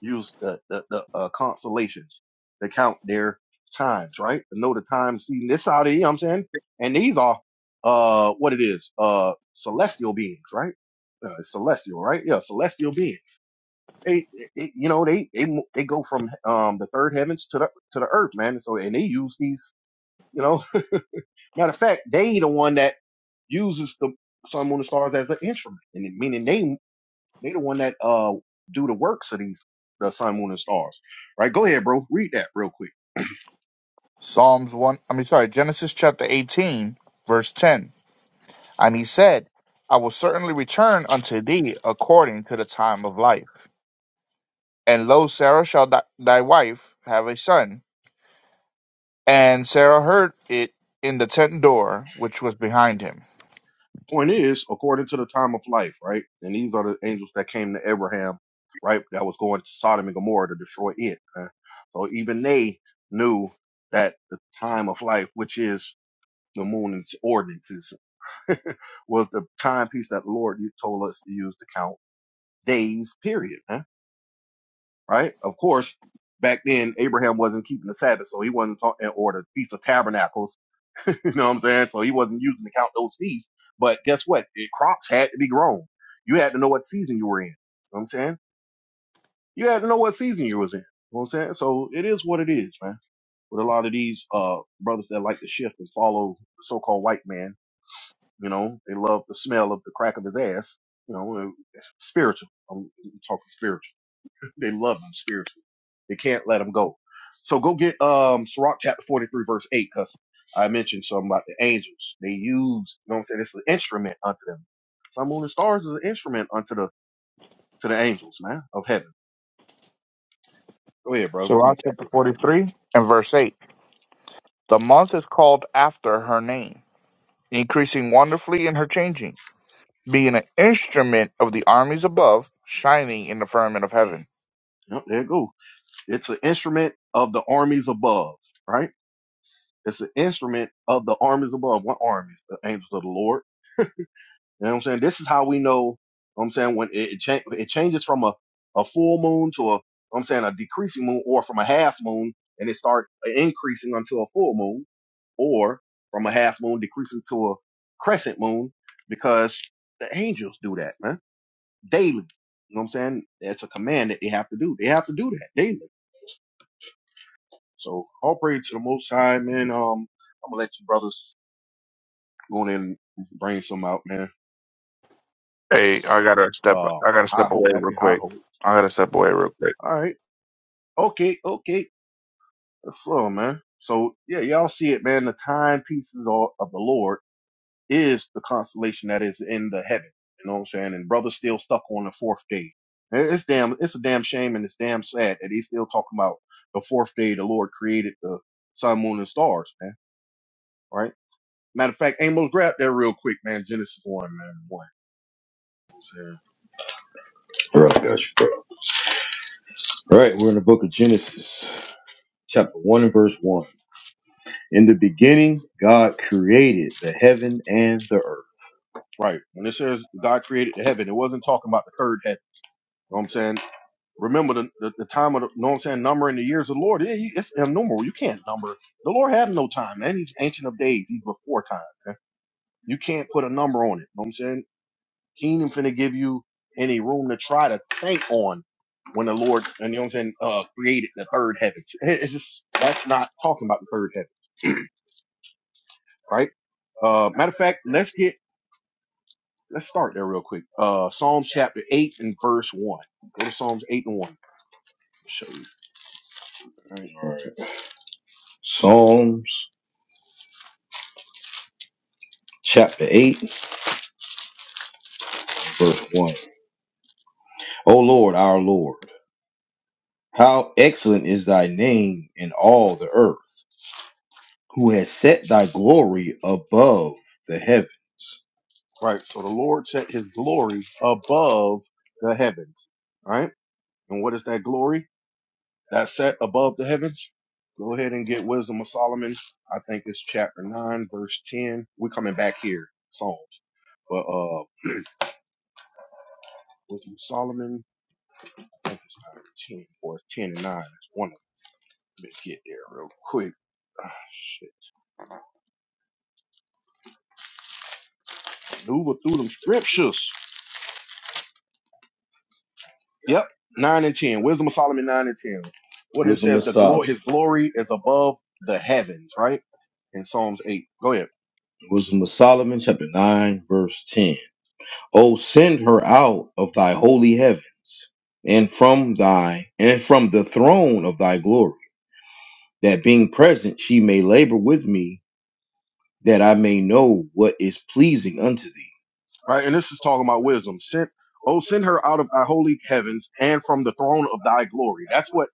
Speaker 3: used the the, the uh, constellations to count their times, right? To know the time, seeing this out of here. You know what I'm saying, and these are uh what it is uh celestial beings, right? Uh, it's celestial, right? Yeah, celestial beings They, they- you know, they they mo- they go from um the third heavens to the to the earth, man. So and they use these, you know. Matter of fact, they the one that uses the sun, moon, and stars as an instrument, and it- meaning they they the one that uh do the works of these the sun, moon, and stars, right? Go ahead, bro. Read that real quick.
Speaker 2: Psalms 1, I mean, sorry, Genesis chapter 18, verse 10. And he said, I will certainly return unto thee according to the time of life. And lo, Sarah shall th- thy wife have a son. And Sarah heard it in the tent door which was behind him.
Speaker 3: Point is, according to the time of life, right? And these are the angels that came to Abraham, right? That was going to Sodom and Gomorrah to destroy it. man. So even they knew that the time of life, which is The morning's ordinances was the timepiece that the Lord told us to use to count days, period. huh? Right? Of course, back then Abraham wasn't keeping the Sabbath, so he wasn't talking or the Feast of Tabernacles. you know what I'm saying? So he wasn't using to count those feasts. But guess what? The crops had to be grown. You had to know what season you were in. You know what I'm saying? You had to know what season you was in. You know what I'm saying? So it is what it is, man. With a lot of these uh brothers that like to shift and follow the so called white man You know, they love the smell of the crack of his ass. You know, and spiritual. I'm talking spiritual. they love him spiritually. They can't let him go. So go get um Sirach chapter 43, verse 8, because I mentioned something about the angels. They use, you know what I'm saying? It's an instrument unto them. Sun, moon, and stars is an instrument unto the to the angels, man, of heaven. Go ahead, bro.
Speaker 2: Sirach
Speaker 3: Read that
Speaker 2: chapter
Speaker 3: real
Speaker 2: 43 and verse 8. The month is called after her name, increasing wonderfully in her changing, being an instrument of the armies above, shining in the firmament of heaven.
Speaker 3: quick. Yep, there it go. It's an instrument of the armies above, right? It's an instrument of the armies above. What armies? The angels of the Lord You know what I'm saying? This is how we know, you know what I'm saying, when it, it, cha- it changes from a, a full moon to a, you know what I'm saying, a decreasing moon or from a half moon and it start increasing until a full moon or from a half moon decreasing to a crescent moon because the angels do that, man, daily. You know what I'm saying? That's a command that they have to do. They have to do that daily. So all praise to the Most High, man. Um, I'm gonna let you brothers go on in and bring some out, man.
Speaker 2: Hey, I gotta step.
Speaker 3: Uh,
Speaker 2: I gotta
Speaker 3: high
Speaker 2: step
Speaker 3: hope,
Speaker 2: away real
Speaker 3: happy high
Speaker 2: quick.
Speaker 3: hope.
Speaker 2: I gotta step away real quick.
Speaker 3: All right. Okay, okay. So, man. So, yeah, y'all see it, man. The timepieces of of the Lord is the constellation that is in the heaven. You know what I'm saying? And brother's still stuck on the fourth day. It- It's damn, it's a damn shame and it's damn sad that he's still talking about the fourth day the Lord created the sun, moon, and stars, man. Right? Matter of fact, Amos, grab that real quick, man. Genesis 1, man. 1. You know what I'm saying?
Speaker 1: All right, guys. All right, we're in the book of Genesis, chapter 1 and verse 1. In the beginning, God created the heaven and the earth.
Speaker 3: Right. When it says God created the heaven, it wasn't talking about the third heaven. You know what I'm saying? Remember the, the, the time of the, you know what I'm saying, numbering the years of the Lord. Yeah, he, it's innumerable. You can't number. The Lord had no time, man. He's ancient of days. He's before time. Man. You can't put a number on it. You know what I'm saying? He ain't even finna give you any room to try to think on when the Lord, and you know what I'm saying, uh, created the third heaven. It- It's just, that's not talking about the third heaven, right? Uh, matter of fact, let's get, let's start there real quick. Uh, Psalms chapter 8 and verse 1. Go to Psalms 8 and 1. I'll show you. All right.
Speaker 1: Psalms chapter 8, verse 1. O Lord, our Lord, how excellent is thy name in all the earth, who has set thy glory above the heavens.
Speaker 3: Right. So the Lord set his glory above the heavens. Right. And what is that glory? That set above the heavens. Go ahead and get Wisdom of Solomon. I think it's chapter 9, verse 10. We're coming back here, Psalms. But uh Wisdom of Solomon, I think it's 9 and 10, or it's 10 and 9. It's one of them. Let me get there real quick. Ah, shit. Maneuver through them scriptures. Yep, nine and ten. Wisdom of Solomon nine and ten. When it
Speaker 1: Wisdom
Speaker 3: says
Speaker 1: of
Speaker 3: the glory,
Speaker 1: Solomon.
Speaker 3: his glory is above the heavens, right? In Psalms eight. Go ahead.
Speaker 1: Wisdom of Solomon, chapter 9, verse 10. O send her out of thy holy heavens, and from thy and from the throne of thy glory, that being present she may labor with me that I may know what is pleasing unto thee.
Speaker 3: Right, and this is talking about wisdom. Send, oh, send her out of thy holy heavens and from the throne of thy glory. That's what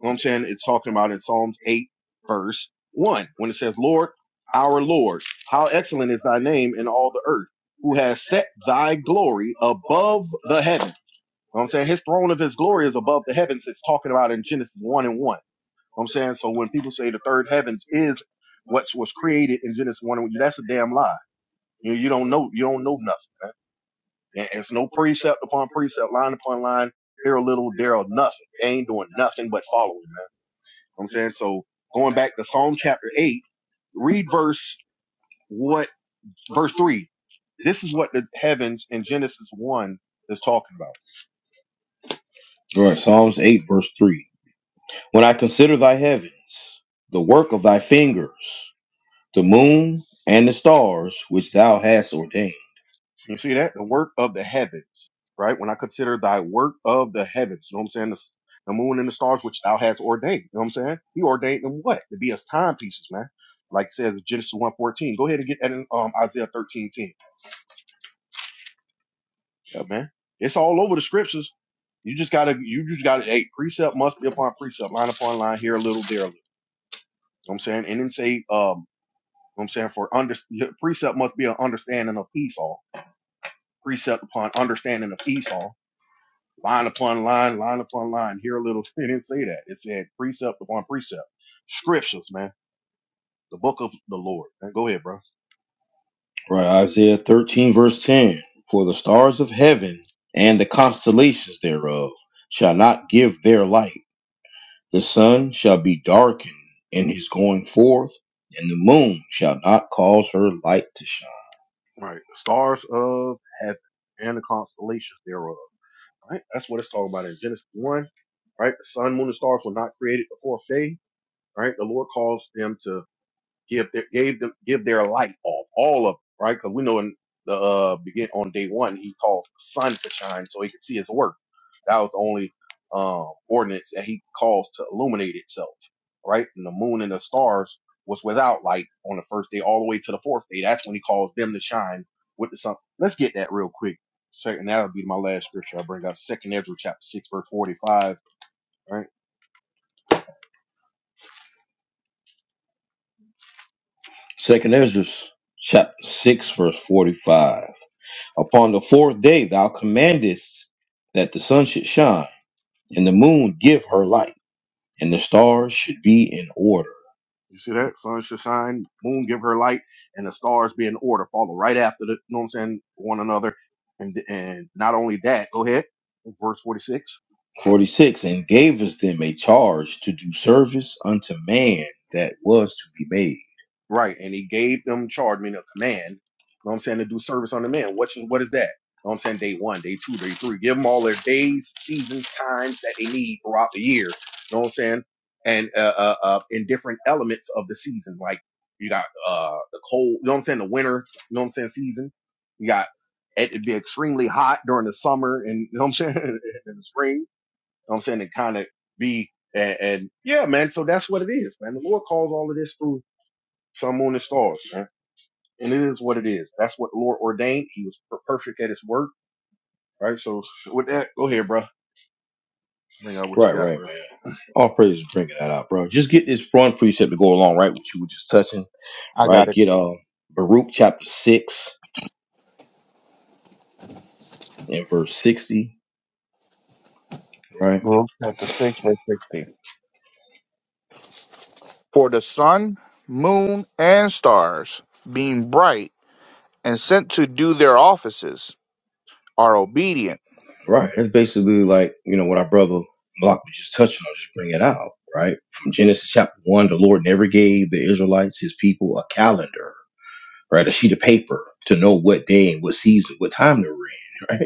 Speaker 3: you know what I'm saying. It's talking about in Psalms eight, verse one, when it says, "Lord, our Lord, how excellent is thy name in all the earth, who has set thy glory above the heavens." You know what I'm saying his throne of his glory is above the heavens. It's talking about in Genesis one and one know what I'm saying so when people say the third heavens is what was created in Genesis one, that's a damn lie. You know, you don't know you don't know nothing, man. And and it's no precept upon precept, line upon line, here a little, there a nothing. They ain't doing nothing but following, man. You know what I'm saying so. Going back to Psalm chapter eight, read verse what verse three. This is what the heavens in Genesis one is talking about.
Speaker 1: Right. Psalms 8, verse 3. When I consider thy heavens, the work of thy fingers, the moon and the stars which thou hast ordained.
Speaker 3: Can you see that? The work of the heavens, right? When I consider thy work of the heavens, you know what I'm saying? The, s- the moon and the stars, which thou hast ordained, you know what I'm saying? He ordained them what? To be his timepieces, man. Like it says in Genesis one fourteen. Go ahead and get that in um, Isaiah 13.10. Yeah, man. It's all over the scriptures. You just gotta, you just gotta, hey, precept must be upon precept, line upon line, here a little, there a little. You know what I'm saying? And then say, um, you know what I'm saying? For under, precept must be an understanding of Esau. Precept upon understanding of Esau line upon line, line upon line. Here a little. It didn't say that. It said precept upon precept. Scriptures, man. The book of the Lord. Man, go ahead, bro.
Speaker 1: Right. Isaiah 13, verse 10. For the stars of heaven and the constellations thereof shall not give their light. The sun shall be darkened in his going forth, and the moon shall not cause her light to shine.
Speaker 3: All right. The stars of heaven and the constellations thereof. Right? That's what it's talking about in Genesis 1. Right? The sun, moon, and stars were not created the fourth day. Right? The Lord calls them to give their gave them give their light off, all of them, right? Because we know in the uh begin on day one he caused the sun to shine so he could see his work. That was the only um ordinance that he caused to illuminate itself, right? And the moon and the stars was without light on the first day all the way to the fourth day. That's when he caused them to shine with the sun. Let's get that real quick. Second that'll be my last scripture I bring out. Second Ezra chapter six, verse forty five. right.
Speaker 1: Second Esdras chapter 6, verse 45. Upon the fourth day thou commandest that the sun should shine, and the moon give her light, and the stars should be in order.
Speaker 3: You see that? Sun should shine, moon give her light, and the stars be in order, follow right after the, you know what I'm saying, one another. And, and not only that, go ahead, verse 46.
Speaker 1: 46. And gavest them a charge to do service unto man that was to be made.
Speaker 3: Right. And he gave them charge, meaning a command, know what I'm saying, to do service on the man. What is, what is that? know what I'm saying? Day one, day two, day three. Give them all their days, seasons, times that they need throughout the year. know what I'm saying? And uh, uh, uh, in different elements of the season. Like you got uh, the cold, you know what I'm saying? The winter, you know what I'm saying? Season. You got it, it'd be extremely hot during the summer and, you know what I'm saying? in the spring. You know what I'm saying? It kind of be, and, and yeah, man. So that's what it is, man. The Lord calls all of this through sun, moon, and stars, man. And it is what it is. That's what the Lord ordained. He was per- perfect at his work, right? So with that, go ahead, bro. Bring out what
Speaker 1: Right,
Speaker 3: you got,
Speaker 1: right,
Speaker 3: bro.
Speaker 1: man. All praise is bringing that out, bro. Just get this one precept to go along right with you were just touching,
Speaker 2: I got
Speaker 1: right?
Speaker 2: it.
Speaker 1: Get uh Baruch chapter 6 and verse 60, right?
Speaker 2: Luke chapter 6, verse 16. For the sun, moon, and stars, being bright and sent to do their offices, are obedient.
Speaker 1: Right. It's basically like, you know, what our brother Block was just touching on, just bring it out, right? From Genesis chapter one, the Lord never gave the Israelites, his people, a calendar, right? A sheet of paper to know what day and what season, what time they were in. right?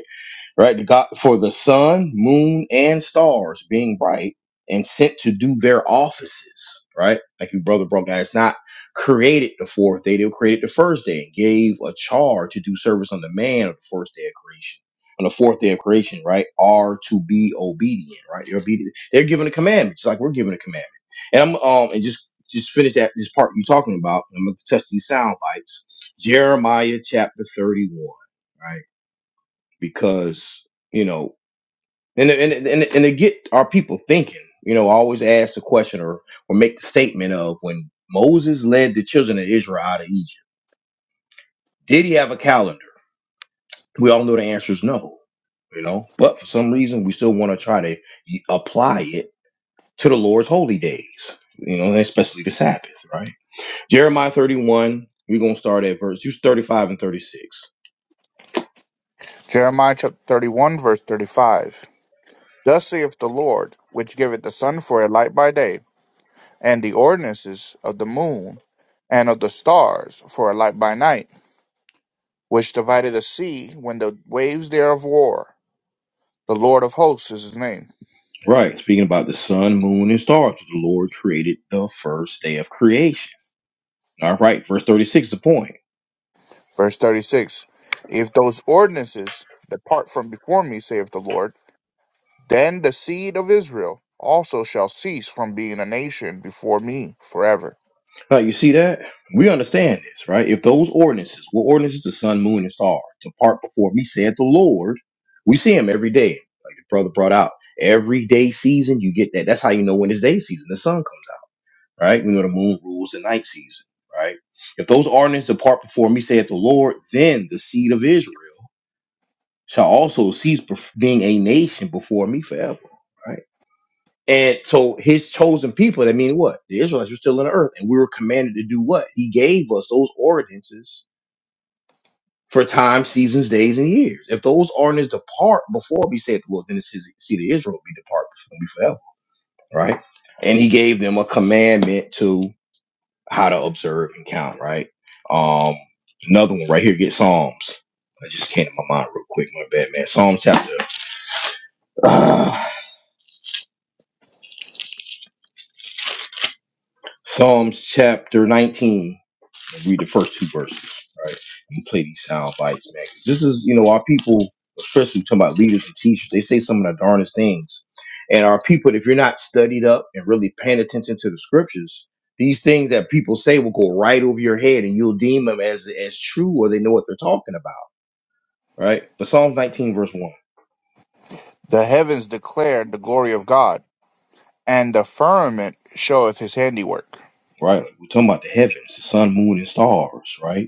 Speaker 1: right? The God for the sun, moon, and stars being bright and sent to do their offices, right? Like your brother broke down. It's not created the fourth day, they were created the first day and gave a charge to do service on the man of the first day of creation. On the fourth day of creation, right? Are to be obedient, right? They're obedient. They're given a commandment, just like we're given a commandment. And I'm um and just just finish that this part you're talking about. I'm gonna test these sound bites. Jeremiah chapter 31, right? because you know and and and, and they get our people thinking you know I always ask the question or or make the statement of when moses led the children of israel out of egypt did he have a calendar we all know the answer is no you know but for some reason we still want to try to y- apply it to the lord's holy days you know and especially the sabbath right jeremiah 31 we're going to start at verse just 35 and 36
Speaker 2: Jeremiah chapter 31, verse 35. Thus saith the Lord, which giveth the sun for a light by day, and the ordinances of the moon and of the stars for a light by night, which divided the sea when the waves thereof war. The Lord of hosts is his name.
Speaker 1: right speaking about the sun moon and stars the lord created the first day of creation All right, verse 36 is the point.
Speaker 2: Verse 36 If those ordinances depart from before me, saith the Lord, then the seed of Israel also shall cease from being a nation before me forever.
Speaker 1: Now, you see that? We understand this, right? If those ordinances, what ordinances the sun, moon, and star, to part before me, said the Lord, we see him every day, like the brother brought out. Every day season, you get that. That's how you know when it's day season, the sun comes out, right? We know the moon rules the night season, right? If those ordinances depart before me, saith the Lord, then the seed of Israel shall also cease bef- being a nation before me forever, right? And so his chosen people, that mean what? The Israelites were still on the earth, and we were commanded to do what? He gave us those ordinances for time, seasons, days, and years. If those ordinances depart before we say said, well, then it's his seed of Israel be depart before me forever, right? And he gave them a commandment to how to observe and count, right? Um, another one right here, get Psalms. I just came to my mind real quick, my bad man. Psalm chapter uh, Psalms chapter 19. and read the first two verses, right? And play these sound bites, man. 'Cause This is, you know, our people, especially talking about leaders and teachers, they say some of the darndest things. And our people, if you're not studied up and really paying attention to the scriptures, these things that people say will go right over your head and you'll deem them as as true or they know what they're talking about, right? But Psalms 19, verse 1,
Speaker 2: The heavens declare the glory of God, and the firmament showeth his handiwork.
Speaker 1: right? We're talking about the heavens, the sun, moon, and stars, right?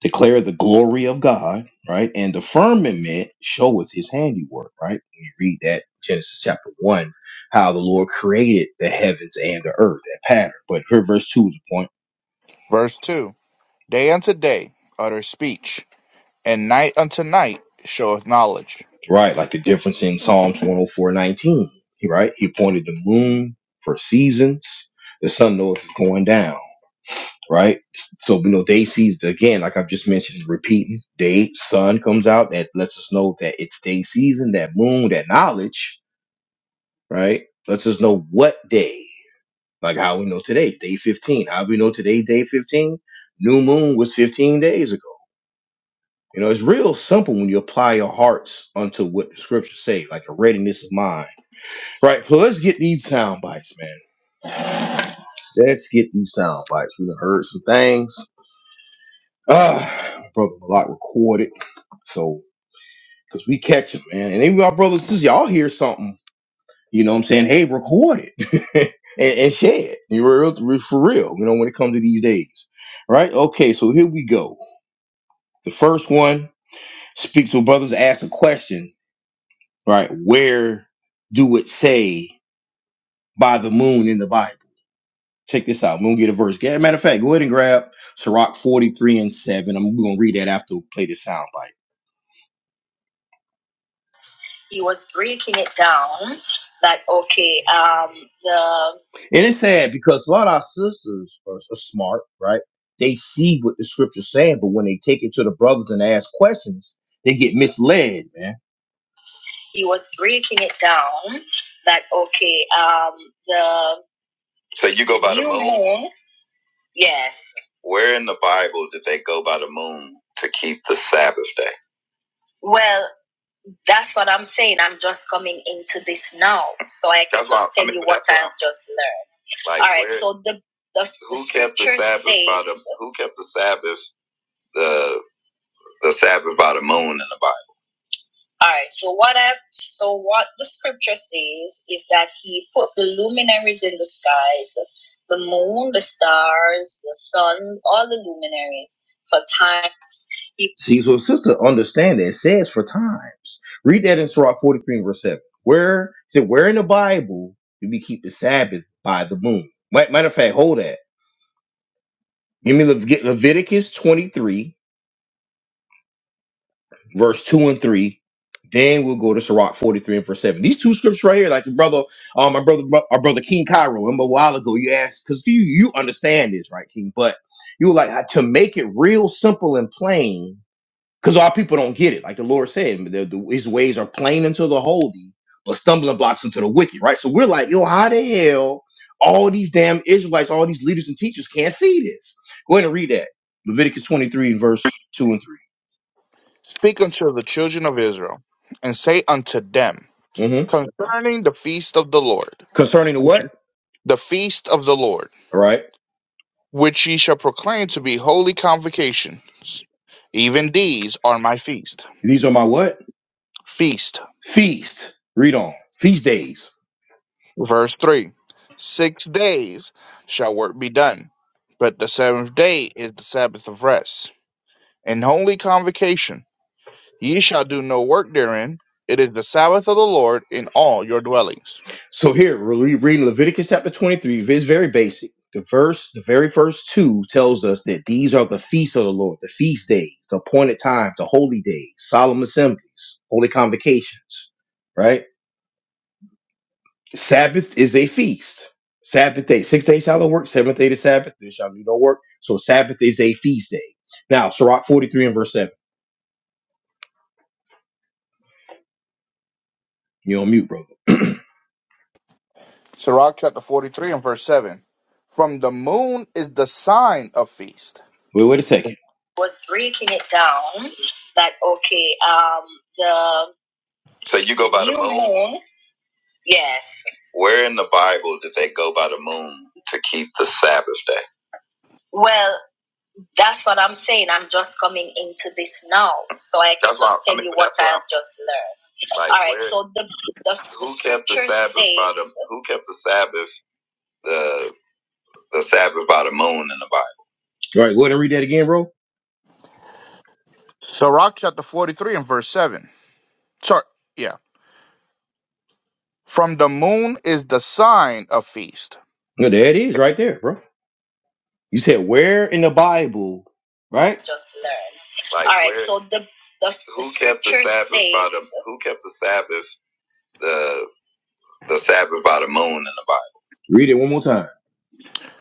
Speaker 1: declare the glory of God, right? And the firmament showeth his handiwork, right? When you read that Genesis chapter one, how the Lord created the heavens and the earth, that pattern. But here verse two is the point,
Speaker 2: Verse 2 Day unto day utter speech, and night unto night showeth knowledge.
Speaker 1: right? Like the difference in Psalms 104, 19, right? He appointed the moon for seasons, the sun knoweth is going down. Right, so you know day season again, like I've just mentioned, repeating day sun comes out that lets us know that it's day season. That moon, that knowledge, right? Lets us know what day, like how we know today, day 15. How we know today, day 15? New moon was 15 days ago. You know, it's real simple when you apply your hearts unto what the scriptures say, like a readiness of mind. Right, so let's get these sound bites, man. Let's get these sound bites. We've heard some things. Ah, my brother Malak recorded, so because we catch them, man. And even our brothers and sisters, y'all hear something. you know what I'm saying? Hey, record it and, and share it. You real re- for real, you know, when it comes to these days. Right? Okay, so here we go. The first one, speak to brothers, ask a question, right? Where do it say by the moon in the Bible? Check this out. We're gonna get a verse. Yeah, matter of fact, go ahead and grab Sirach 43 and 7. I'm we're gonna read that after we play the soundbite. he was breaking it down like okay um the And it's sad because a lot of our sisters are, are smart, right? They see what the scripture's saying, but when they take it to the brothers and ask questions, they get misled, man. he was breaking it down that okay um the eh? yes well that's what i'm saying i'm just coming into this now so i can just learn so the the All right. So what I so what the scripture says is that he put the luminaries in the skies, the moon, the stars, the sun, all the luminaries for times. He See, so sister, understand that it says for times. Read that in Sirach 43 and verse 7. Where it said, where in the Bible do we keep the Sabbath by the moon? Ma- Matter of fact, hold that. Give me Lev- get Leviticus 23 verse 2 and 3. Then we'll go to Sirach 43 and verse 7. These two scriptures right here, like your brother, um, my brother, our brother King Cairo, remember a while ago, you asked, because you, you understand this, right, King? But you were like, to make it real simple and plain, because our people don't get it. Like the Lord said, the, the, his ways are plain unto the holy, but stumbling blocks unto the wicked, right? So we're like, yo, how the hell all these damn Israelites, all these leaders and teachers can't see this? Go ahead and read that. Leviticus 23, verse 2 and
Speaker 2: Speak unto the children of Israel, and say unto them
Speaker 1: 3. hmm
Speaker 2: concerning the feast of the Lord,
Speaker 1: Concerning the
Speaker 2: which
Speaker 1: what?
Speaker 2: is the feast of the Lord
Speaker 1: All right.
Speaker 2: which ye shall proclaim to be holy convocations. Even these are my feast.
Speaker 1: These are my what?
Speaker 2: Feast,
Speaker 1: Feast. Read on. Feast days.
Speaker 2: verse 3. Six days shall work be done, but the seventh day is the Sabbath of rest. An holy convocation, ye shall do no work therein. It is the Sabbath of the Lord in all your dwellings.
Speaker 1: So here we're re- reading Leviticus chapter 23. It's very basic. The verse, the very first two tells us that these are the feasts of the Lord, the feast days, the appointed times, the holy days, solemn assemblies, holy convocations, right? Sabbath is a feast. Sabbath day. Six days shall thou work, seventh day the Sabbath, there shall be no work. So Sabbath is a feast day. Now, Sirach 43 and verse 7. You're on mute, bro.
Speaker 2: Sirach chapter 43 and verse 7. From the moon is the sign of feast.
Speaker 1: Wait, wait a second. was breaking it down that okay um the moon yes well that's what i'm saying i'm just coming into this now so i can just learn so the, the All right, go ahead and read that again, bro.
Speaker 2: Sirach chapter 43 and verse 7. Sorry, yeah. From the moon is the sign of feast.
Speaker 1: No, there it is, right there, bro. You said where in the Bible, right? just learn so the the Read it one more time.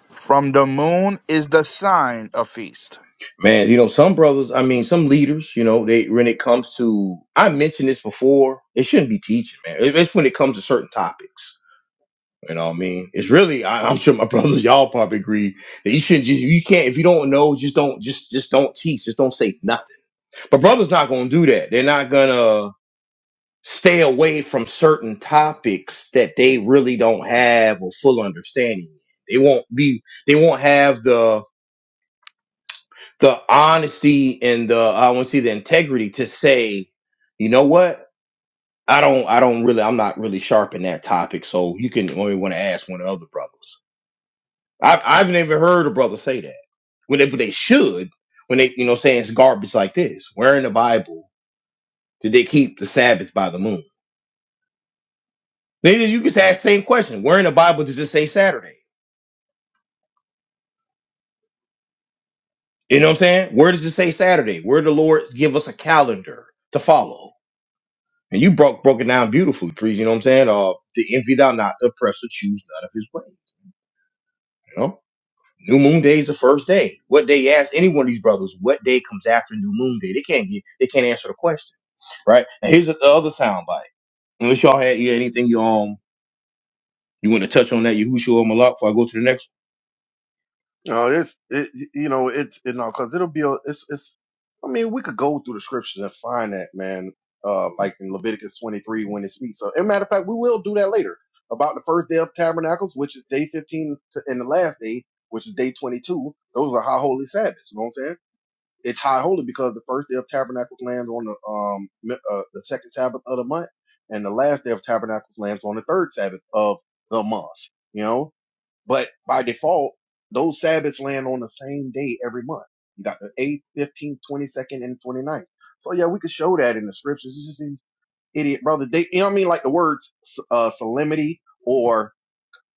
Speaker 2: From the moon is the sign of feast.
Speaker 1: Man, you know, some brothers, I mean, some leaders, you know, they when it comes to I mentioned this before, they shouldn't be teaching, man. It- It's when it comes to certain topics. You know what I mean? It's really I, I'm sure my brothers, y'all probably agree that you shouldn't just you can't if you don't know, just don't just just don't teach, just don't say nothing. But brothers not gonna do that. They're not gonna stay away from certain topics that they really don't have a full understanding. They won't be they won't have the the honesty and the I want to see the integrity to say, you know what? I don't I don't really I'm not really sharp in that topic, so you can only want to ask one of the other brothers. I've I've never heard a brother say that. When they but they should when they you know saying it's garbage like this. Where in the Bible did they keep the Sabbath by the moon? Then you can ask the same question. Where in the Bible does it say Saturday? You know what I'm saying? Where does it say Saturday? Where the Lord give us a calendar to follow? And you broke broke it down beautifully, Preach, you know what I'm saying? Uh the envy thou not, the oppressor choose none of his way. You know? New moon day is the first day. What day ask any one of these brothers, what day comes after new moon day? They can't get they can't answer the question. Right? And here's the other sound bite. Unless y'all had you anything you um you want to touch on that, Yahushua or Malak before I go to the next
Speaker 3: No, it's it. You know, it's it, no, because it'll be a. It's it's. I mean, we could go through the scriptures and find that, man. Uh, like in Leviticus 23 when it speaks. So, and matter of fact, we will do that later about the first day of tabernacles, which is day 15, to, and the last day, which is day 22. Those are high holy Sabbaths. You know what I'm saying? It's high holy because the first day of tabernacles lands on the um mi- uh, the second Sabbath of the month, and the last day of tabernacles lands on the third Sabbath of the month. You know, but by default, those Sabbaths land on the same day every month. You got the eighth, fifteenth, twenty second, and twenty ninth. So yeah, we could show that in the scriptures. It's just an idiot brother. They, you know what I mean? Like the words uh, solemnity or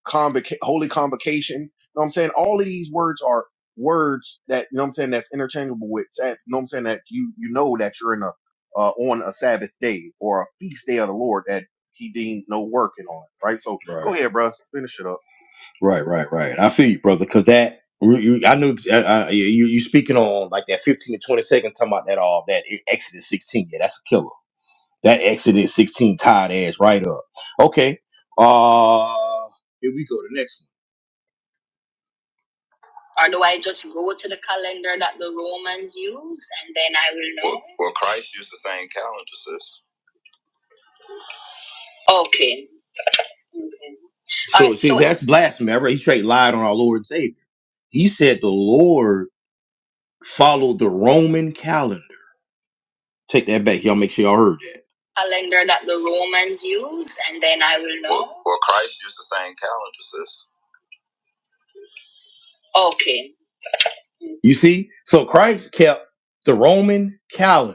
Speaker 3: convoca- holy convocation. You know what I'm saying? All of these words are words that, you know what I'm saying, that's interchangeable with, Sab- you know what I'm saying, that you, you know that you're in a, uh, on a Sabbath day or a feast day of the Lord that he deemed no working on, right? So
Speaker 1: one.
Speaker 3: go
Speaker 1: Right.
Speaker 3: ahead, bro. Finish it up.
Speaker 1: Right, right, right. I feel you, brother, because that you, you- I knew I, I, you you speaking on like that 15 to 20 seconds talking about that all that Exodus 16. Yeah, that's a killer. That Exodus 16 tied ass right up. Okay. Uh here we go. The next Or do I just go to the calendar that the Romans use and then I will know? Okay. okay. All one. So right. see, So that's blasphemy. Right? He straight lied on our Lord and Savior. He said the Lord followed the Roman calendar. Take that back. Y'all make sure y'all heard that. calendar that the Romans use and then I will know. Okay. You see? So Christ kept the Roman calendar.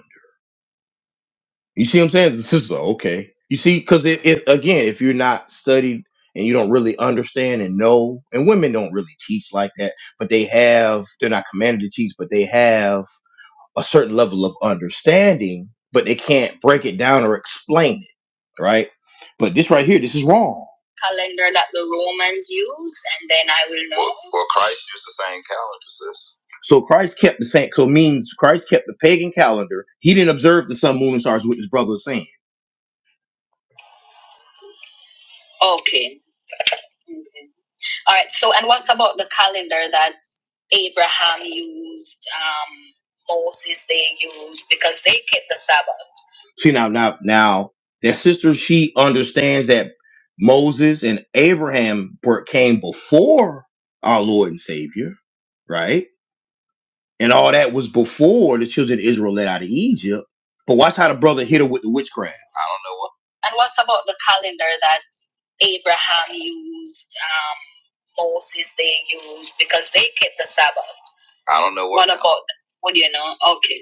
Speaker 1: You see what I'm saying? This is okay. You see, because it, it again, if you're not studied and you don't really understand and know, and women don't really teach like that, but they have, they're not commanded to teach, but they have a certain level of understanding, but they can't break it down or explain it, right? But this right here, this is wrong. Calendar that the Romans use, and then I will know. So Christ kept the same. So means Christ kept the pagan calendar. He didn't observe the sun, moon, and stars, which his brother was saying. Okay. okay. All right. So, and what about the calendar that Abraham used? Um, Moses they used because they kept the Sabbath. See now, now, now that sister, she understands that Moses and Abraham were, came before our Lord and Savior, right? And all that was before the children of Israel led out of Egypt. But watch how the brother hit her with the witchcraft. And what about the calendar that Abraham used, um, Moses they used, because they kept the Sabbath. But what do you know? Okay.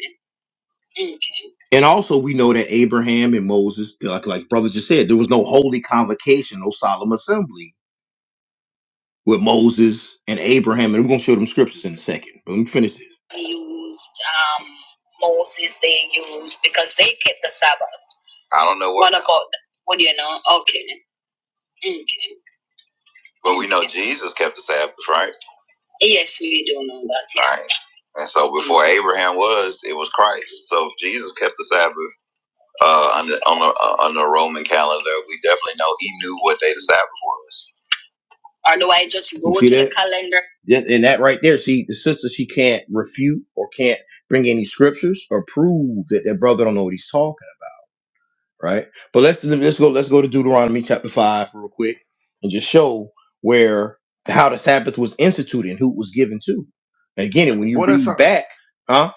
Speaker 1: Okay. And also, we know that Abraham and Moses, like like brother just said, there was no holy convocation, no solemn assembly with Moses and Abraham. And we're gonna show them scriptures in a second. But let me finish this. Used, um, Moses they used, because they kept the Sabbath. Look out. What do you know? Okay. Okay. Yes, we do know that. Or do I just You go see to See the that? calendar? Just and that right there. See, the sister she can't refute or can't bring any scriptures or prove that that brother don't know what he's talking about, right? But let's let's go let's go to Deuteronomy chapter five real quick and just show where how the Sabbath was instituted and who it was given to. And again, when you
Speaker 3: Boy, that
Speaker 1: read
Speaker 3: sound,
Speaker 1: back, huh?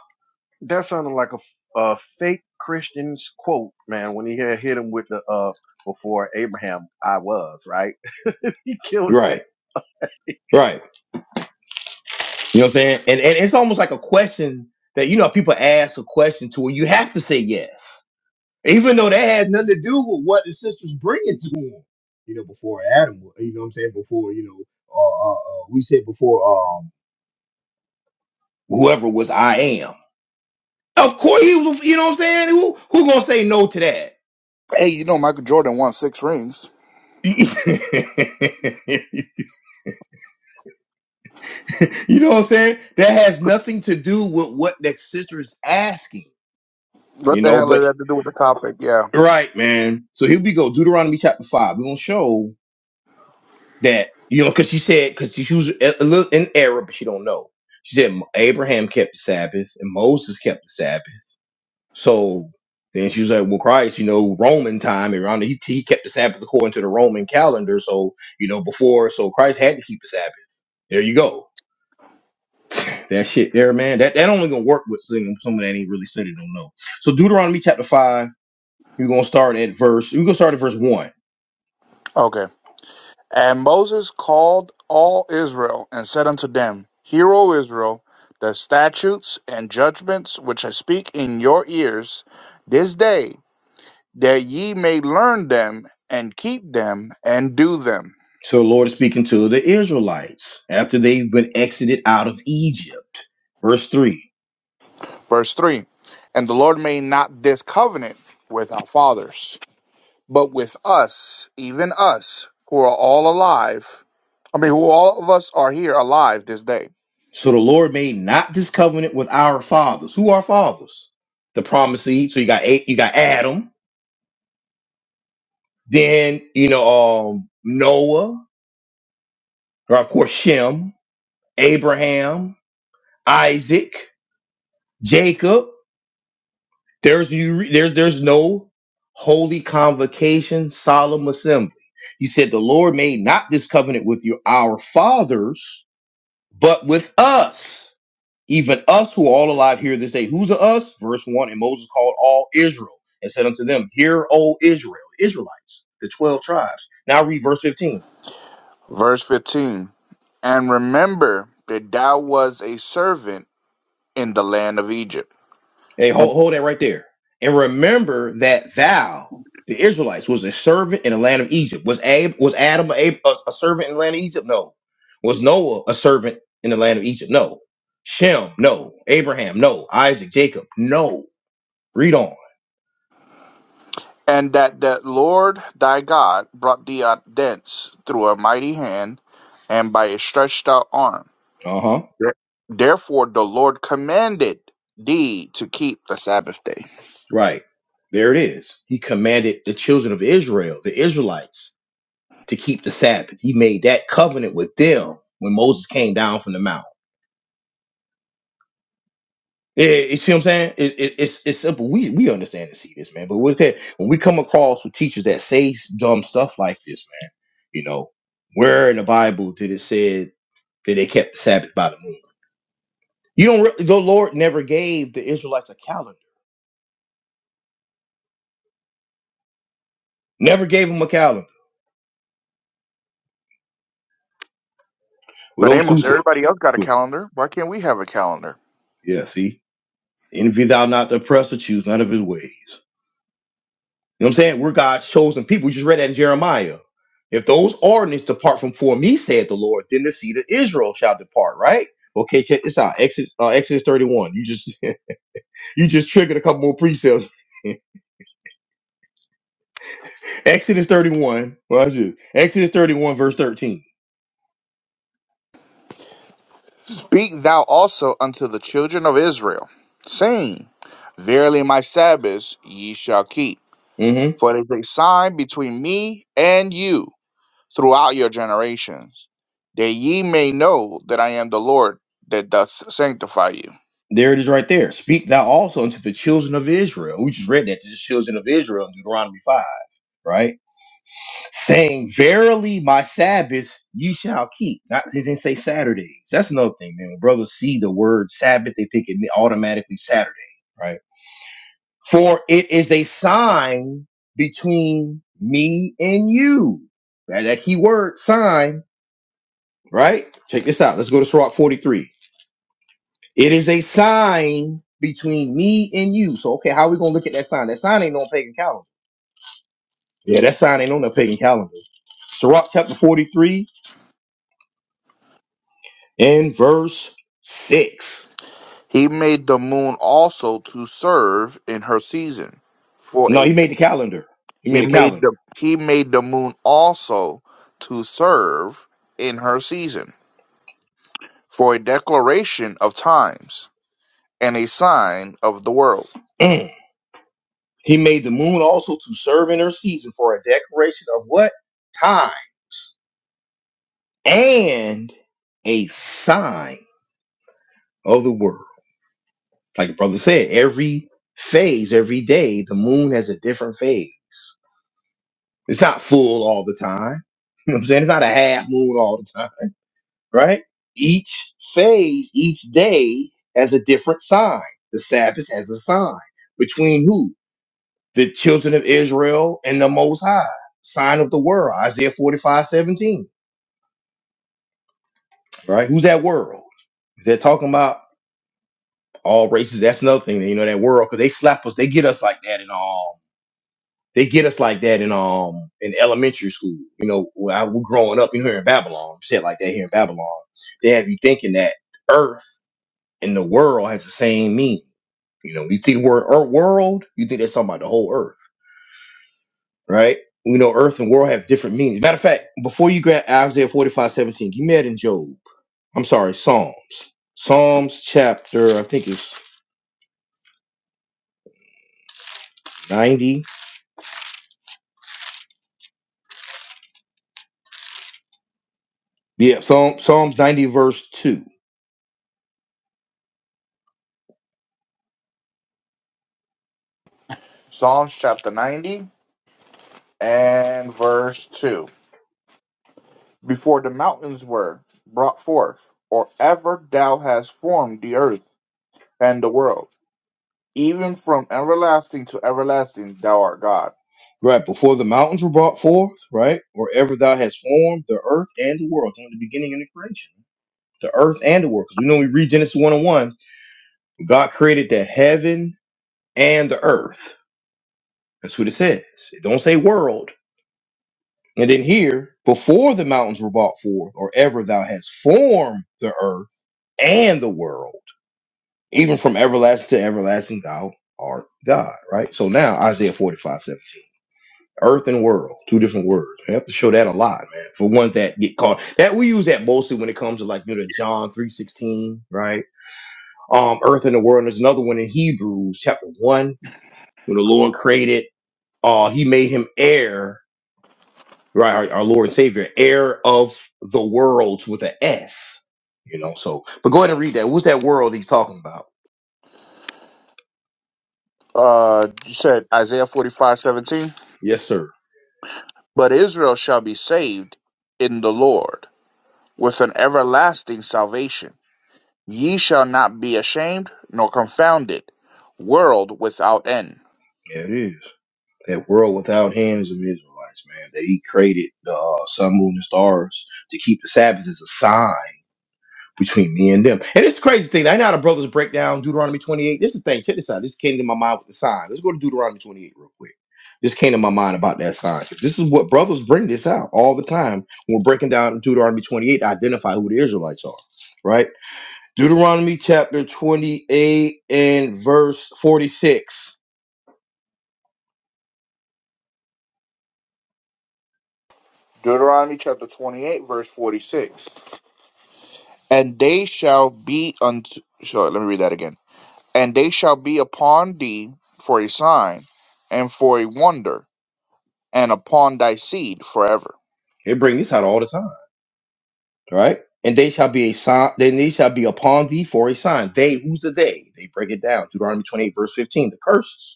Speaker 3: that sounded like a, a fake Christian's quote, man, when he had hit him with the, uh, before Abraham, I was, right? he killed that.
Speaker 1: Right, right. You know what I'm saying? And and it's almost like a question that you know people ask a question to where you have to say yes. even though that had nothing to do with what the sisters bringing to him. You know, before Adam, you know what I'm saying? Before, you know, uh, uh, uh, we said before, um, whoever was I am. Of course, he was, you know what I'm saying? Who, who gonna say no to that?
Speaker 2: Hey, you know Michael Jordan won six rings.
Speaker 1: you know what I'm saying? That has nothing to do with what that sister is asking,
Speaker 2: What
Speaker 1: you
Speaker 2: the
Speaker 1: know,
Speaker 2: hell does that
Speaker 1: but
Speaker 2: have to do with the topic? Yeah.
Speaker 1: right, man. So here we go. Deuteronomy chapter five. We're gonna show. that you know because she said because she was a a little in error but she don't know she said "Mo- abraham kept the sabbath and moses kept the sabbath so then she was like well christ you know roman time around he, he kept the sabbath according to the roman calendar so you know before so christ had to keep the sabbath there you go that shit there man that that only gonna work with some- someone that ain't really studied don't know so deuteronomy chapter 5 we're gonna start at verse we're gonna start at verse 1
Speaker 2: Okay. And Moses called all Israel and said unto them, Hear, O Israel, the statutes and judgments which I speak in your ears this day, that ye may learn them and keep them and do them
Speaker 1: So the Lord is speaking to the Israelites after they've been exited out of Egypt. Verse 3.
Speaker 2: Verse 3 And the Lord made not this covenant with our fathers, but with us, even us, who are all alive. I mean, who all of us are here alive this day.
Speaker 1: So the Lord made not this covenant with our fathers. Who are fathers? The promised seed. So you got eight, you got Adam, then you know um Noah, or of course Shem, Abraham, Isaac, Jacob. There's you there's there's no holy convocation, solemn assembly. He said, The Lord made not this covenant with you, our fathers But with us, even us who are all alive here this day, who's a us? Verse 1 And Moses called all Israel and said unto them, Hear, O Israel, Israelites, the 12 tribes. Now read verse 15.
Speaker 2: Verse 15 And remember that thou was a servant in the land of Egypt,
Speaker 1: Hey,
Speaker 2: and
Speaker 1: hold, hold that right there. And remember that thou, the Israelites, was a servant in the land of Egypt. Was Ab, was Adam a, a, a servant in the land of Egypt? No. Was Noah a servant in the land of Egypt? No. Shem, no. Abraham, no. Isaac, Jacob, no. Read on.
Speaker 2: and that the Lord thy God brought thee out thence through a mighty hand and by a stretched out arm
Speaker 1: Uh huh.
Speaker 2: There- Therefore, the Lord commanded thee to keep the Sabbath day.
Speaker 1: Right. There it is. He commanded the children of Israel, the Israelites, to keep the Sabbath. He made that covenant with them when Moses came down from the mount. Eh, eh, you see what I'm saying? It, it, it's it's simple. We we understand and see this, man. But with that, when we come across with teachers that say s- dumb stuff like this, man, you know, where in the Bible did it said that they kept the Sabbath by the moon? You don't. Really, the Lord never gave the Israelites a calendar. Never gave them a calendar. With
Speaker 2: But
Speaker 1: those two,
Speaker 2: Amos, everybody else got a calendar. Why can't we have a calendar?
Speaker 1: yeah. See, Envy thou not the oppressor, choose none of his ways. You know what I'm saying? We're God's chosen people. We just read that in Jeremiah. If those ordinances depart from for me, said the Lord, then the seed of Israel shall depart, right? Okay, check this out. Exodus, uh, Exodus 31. You just you just triggered a couple more precepts. Exodus 31. Watch this. Exodus 31, verse 13.
Speaker 2: Speak thou also unto the children of Israel, saying, Verily my Sabbaths ye shall keep,
Speaker 1: hmm
Speaker 2: for it is a sign between me and you throughout your generations, that ye may know that I am the Lord that doth sanctify you.
Speaker 1: There it is right there. Speak thou also unto the children of Israel. We just read that to the children of Israel in Deuteronomy 5, right? saying, Verily my Sabbaths you shall keep. Not they didn't say Saturdays. That's another thing, man. When brothers see the word Sabbath, they think it automatically Saturday, right? For it is a sign between me and you. That, that key word sign, right? Check this out. Let's go to Sirach 43. It is a sign between me and you. So okay, how are we gonna look at that sign? That sign ain't on pagan calendar. Yeah, that sign ain't on the pagan calendar. Sirach chapter 43 in verse 6.
Speaker 2: He made the moon also to serve in her season, for a
Speaker 1: No, he made the calendar. He
Speaker 2: He
Speaker 1: made a
Speaker 2: made
Speaker 1: calendar.
Speaker 2: the he made the moon also to serve in her season for a declaration of times and a sign of the world.
Speaker 1: Mm. He made the moon also to serve in her season for a decoration of what? Time and a sign of the world. Like the brother said, every phase, every day, the moon has a different phase. It's not full all the time. You know what I'm saying? It's not a half moon all the time. right? Each phase, each day has a different sign. The Sabbath has a sign between who? The children of Israel and the Most High. Sign of the world, Isaiah 45 17. right? Who's that world? Is that talking about all races? That's another thing, you know, that world, because they slap us, they get us like that in um, they get us like that in um in elementary school. You know, when I was growing up, you know, here in Babylon, shit like that here in Babylon, they have you thinking that Earth in the world has the same meaning. You know, you see the word earth world, you think that's talking about the whole earth, right? We know earth and world have different meanings. Matter of fact, before you grab Isaiah 45 17, you met in Job. I'm sorry, Psalms. Psalms chapter, I think it's 90. Yeah, Psalm, Psalms 90, verse 2.
Speaker 2: Psalms chapter 90 and verse 2. Before the mountains were brought forth, or ever thou hast formed the earth and the world, even from everlasting to everlasting thou art God.
Speaker 1: Right, before the mountains were brought forth, right? Wherever thou hast formed the earth and the world, It's only the beginning of the creation, the earth and the world. Because we know we read Genesis 1 and 1, God created the heaven and the earth That's what it says. It don't say world. And then here, before the mountains were brought forth, or ever thou hast formed the earth and the world, even from everlasting to everlasting, thou art God. Right. So now Isaiah 45 17, Earth and world, two different words. We have to show that a lot, man. For ones that get caught, that we use that mostly when it comes to like you know the John three sixteen, right? Um, earth and the world. And there's another one in Hebrews chapter one when the Lord created, uh, He made him heir right? Our, our Lord and Savior, heir of the worlds with an S, you know. So, but go ahead and read that. What's that world he's talking about?
Speaker 2: Uh, you said Isaiah forty five seventeen.
Speaker 1: Yes, sir.
Speaker 2: But Israel shall be saved in the Lord with an everlasting salvation. Ye shall not be ashamed nor confounded, world without end.
Speaker 1: Yeah, it is. That world without him is of Israelites, man. That he created the uh, sun, moon, and stars to keep the Sabbath is a sign. between me and them. And it's a crazy thing. I know how the brothers break down Deuteronomy 28. This is the thing. Check this out. This came to my mind with the sign. Let's go to Deuteronomy 28 real quick. This came to my mind about that sign. This is what brothers bring this out all the time when we're breaking down Deuteronomy 28 to identify who the Israelites are, right? Deuteronomy chapter 28 and verse 46.
Speaker 2: Deuteronomy chapter 28, verse 46. And they shall be unto. Sorry, let me read that again. And they shall be upon thee for a sign and for a wonder, and upon thy seed forever.
Speaker 1: They bring this out all the time, right? And they shall be a sign, then they shall be upon thee for a sign. They, who's the they? They break it down. Deuteronomy 28, verse 15, the curses.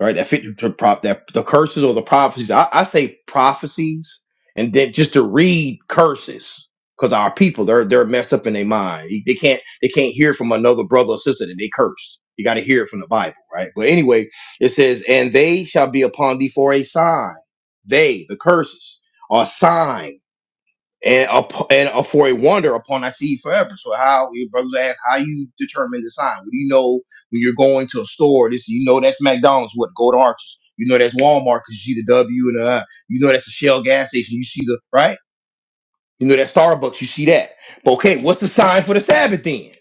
Speaker 1: right? That fit the prop that the curses or the prophecies. I, I say prophecies, and then just to read curses because our people they're they're messed up in their mind. They can't they can't hear from another brother or sister that they curse. You got to hear it from the Bible, right? But anyway, it says, "And they shall be upon thee for a sign." They the curses are signs and up and up for a wonder upon thy seed forever. So how your brother asked how you determine the sign? What do you know when you're going to a store? This you know that's McDonald's, what go to Arches. You know that's Walmart because you see the W and uh you know that's a Shell gas station. You see the right. You know that Starbucks. You see that. But okay, what's the sign for the Sabbath then?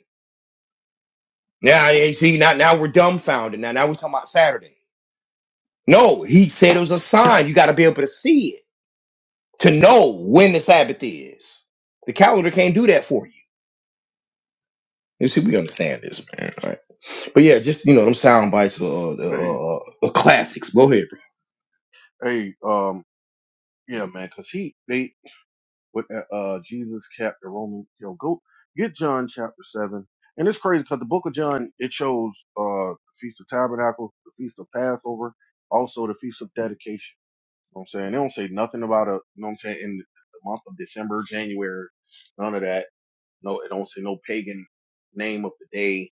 Speaker 1: Now you see now now we're dumbfounded. Now now we're talking about Saturday. No, he said it was a sign. You got to be able to see it to know when the Sabbath is. The calendar can't do that for you. You see, we understand this, man. Right? But yeah, just you know, them sound bites are, are,
Speaker 3: Hey,
Speaker 1: are, classics. Go ahead.
Speaker 3: hey, um, yeah, man, cause he, they, with uh, uh, Jesus kept the Roman. You know, go get John chapter seven, and it's crazy because the Book of John it shows uh, the Feast of Tabernacle, the Feast of Passover, also the Feast of Dedication. You know what I'm saying they don't say nothing about a. You know what I'm saying in the month of December, January, none of that. No, it don't say no pagan name of the day.